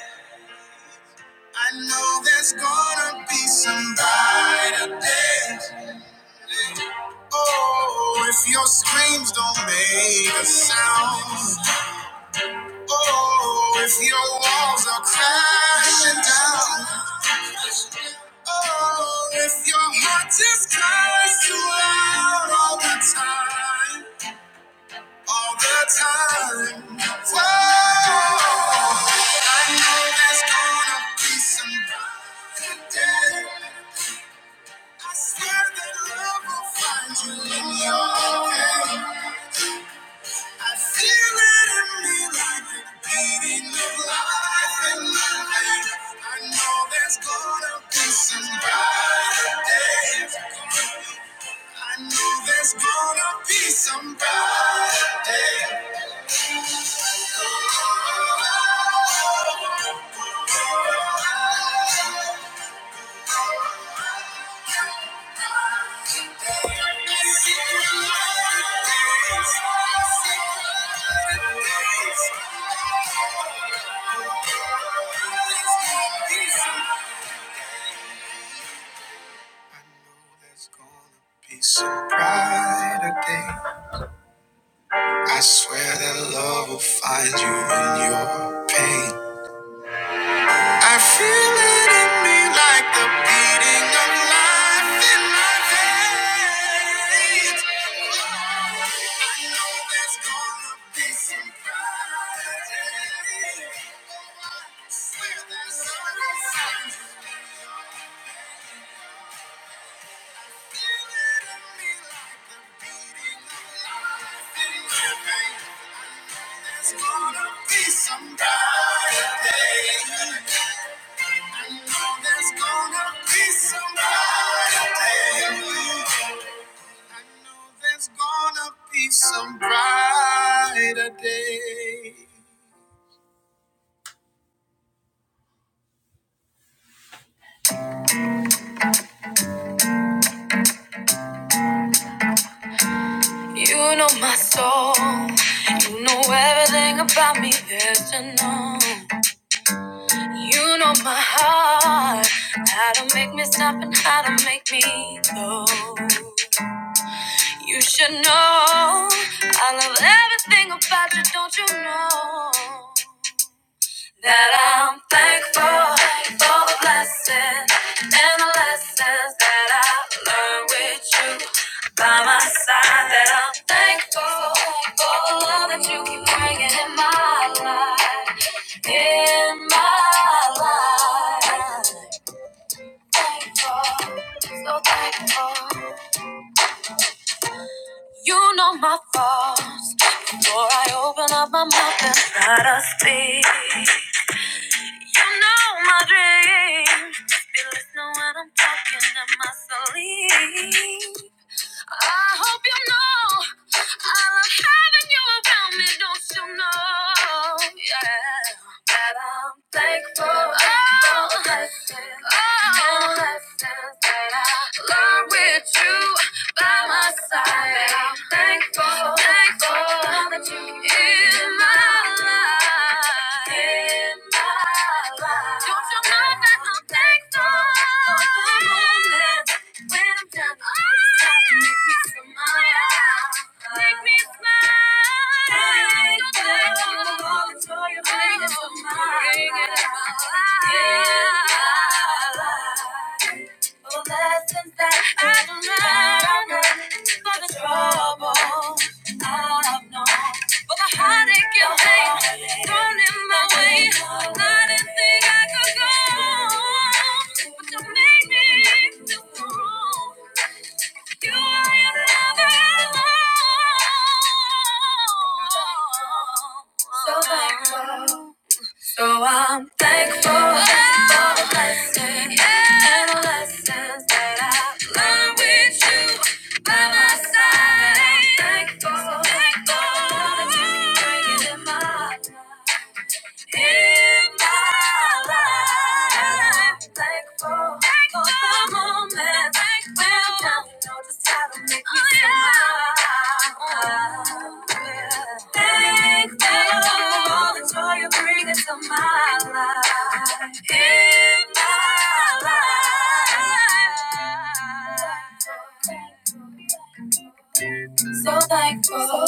I know there's gonna be some brighter days. Oh, if your screams don't make a sound. Oh, if your walls are crashing down. Oh, if your heart just cries too loud all the time. All the time. Whoa, I know there's gonna be some brighter days. I swear that love will find you in your pain. I feel it in me like the beating of life in my veins. I know there's gonna be some brighter days. I know there's gonna be some brighter days. I know there's gonna be some brighter days. I swear that love will find you in your pain. I feel it in me like the beating of life in my ears. There's gonna be some brighter day. I know there's gonna be some brighter day. I know there's gonna be some brighter day. You know my soul. You know everything about me. There's to know. You know my heart, how to make me stop and how to make me go. You should know I love everything about you, don't you know? That I'm thankful for the blessings and the lessons that I learned with you by my side. That I'm thankful for the love that you keep bringing in my life, in my life. Thankful, so thankful. You know my thoughts before I open up my mouth and try to speak. You know my dreams. Feel this know when I'm talking in my sleep. I hope you know I love having you around me. Don't you know? Yeah, that I'm thankful, thankful, oh, blessed, oh, and lessons that I learned with you by my side. That I'm thankful, thankful that you in my life, in my life. Don't you know that I'm thankful? for the moments. When I'm done, all this talking make me smile. Make me smile. Thank you. Thank you. I'm all enjoy your biggest smile. Bring it out. Bring it Oh, lessons that I've learned for the trouble I've known. For the heartache and pain thrown in my way. I didn't think I could go. on, But you made me feel strong. You are another alone. So thankful. So I'm thankful, for the blessings and the lessons that I've learned with you by my side. i Thankful, thankful for the journey you're bringing in my life in my life. Thankful for the moment. Thankful. Now you know just how to make me smile. Thankful for all the joy you bring into my life. In my life. So thankful, so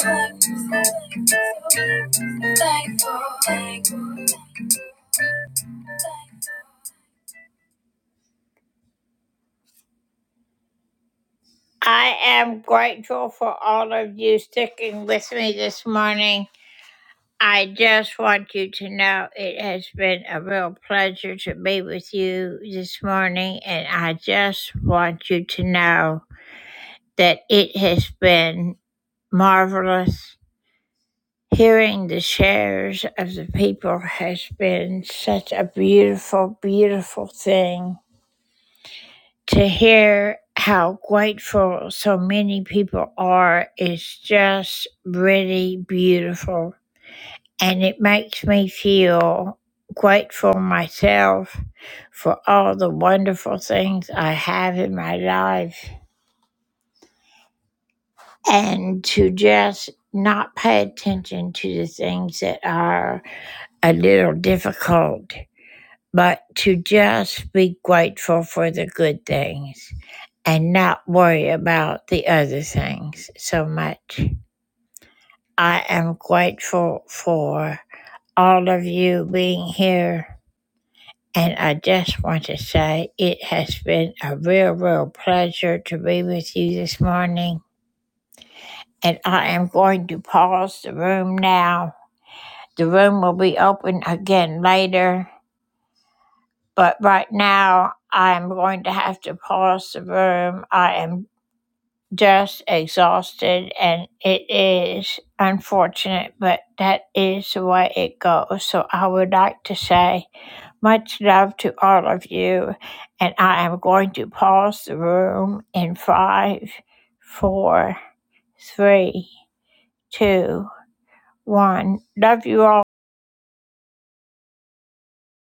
so thankful, thankful. I am grateful for all of you sticking with me this morning. I just want you to know it has been a real pleasure to be with you this morning, and I just want you to know that it has been marvelous Hearing the shares of the people has been such a beautiful, beautiful thing. To hear how grateful so many people are is just really beautiful. And it makes me feel grateful myself for all the wonderful things I have in my life and to just not pay attention to the things that are a little difficult but to just be grateful for the good things and not worry about the other things so much. I am grateful for all of you being here. And I just want to say it has been a real, real pleasure to be with you this morning. And I am going to pause the room now. The room will be open again later. But right now, I am going to have to pause the room. I am just exhausted and it is unfortunate but that is the way it goes so i would like to say much love to all of you and i am going to pause the room in five four three two one love you all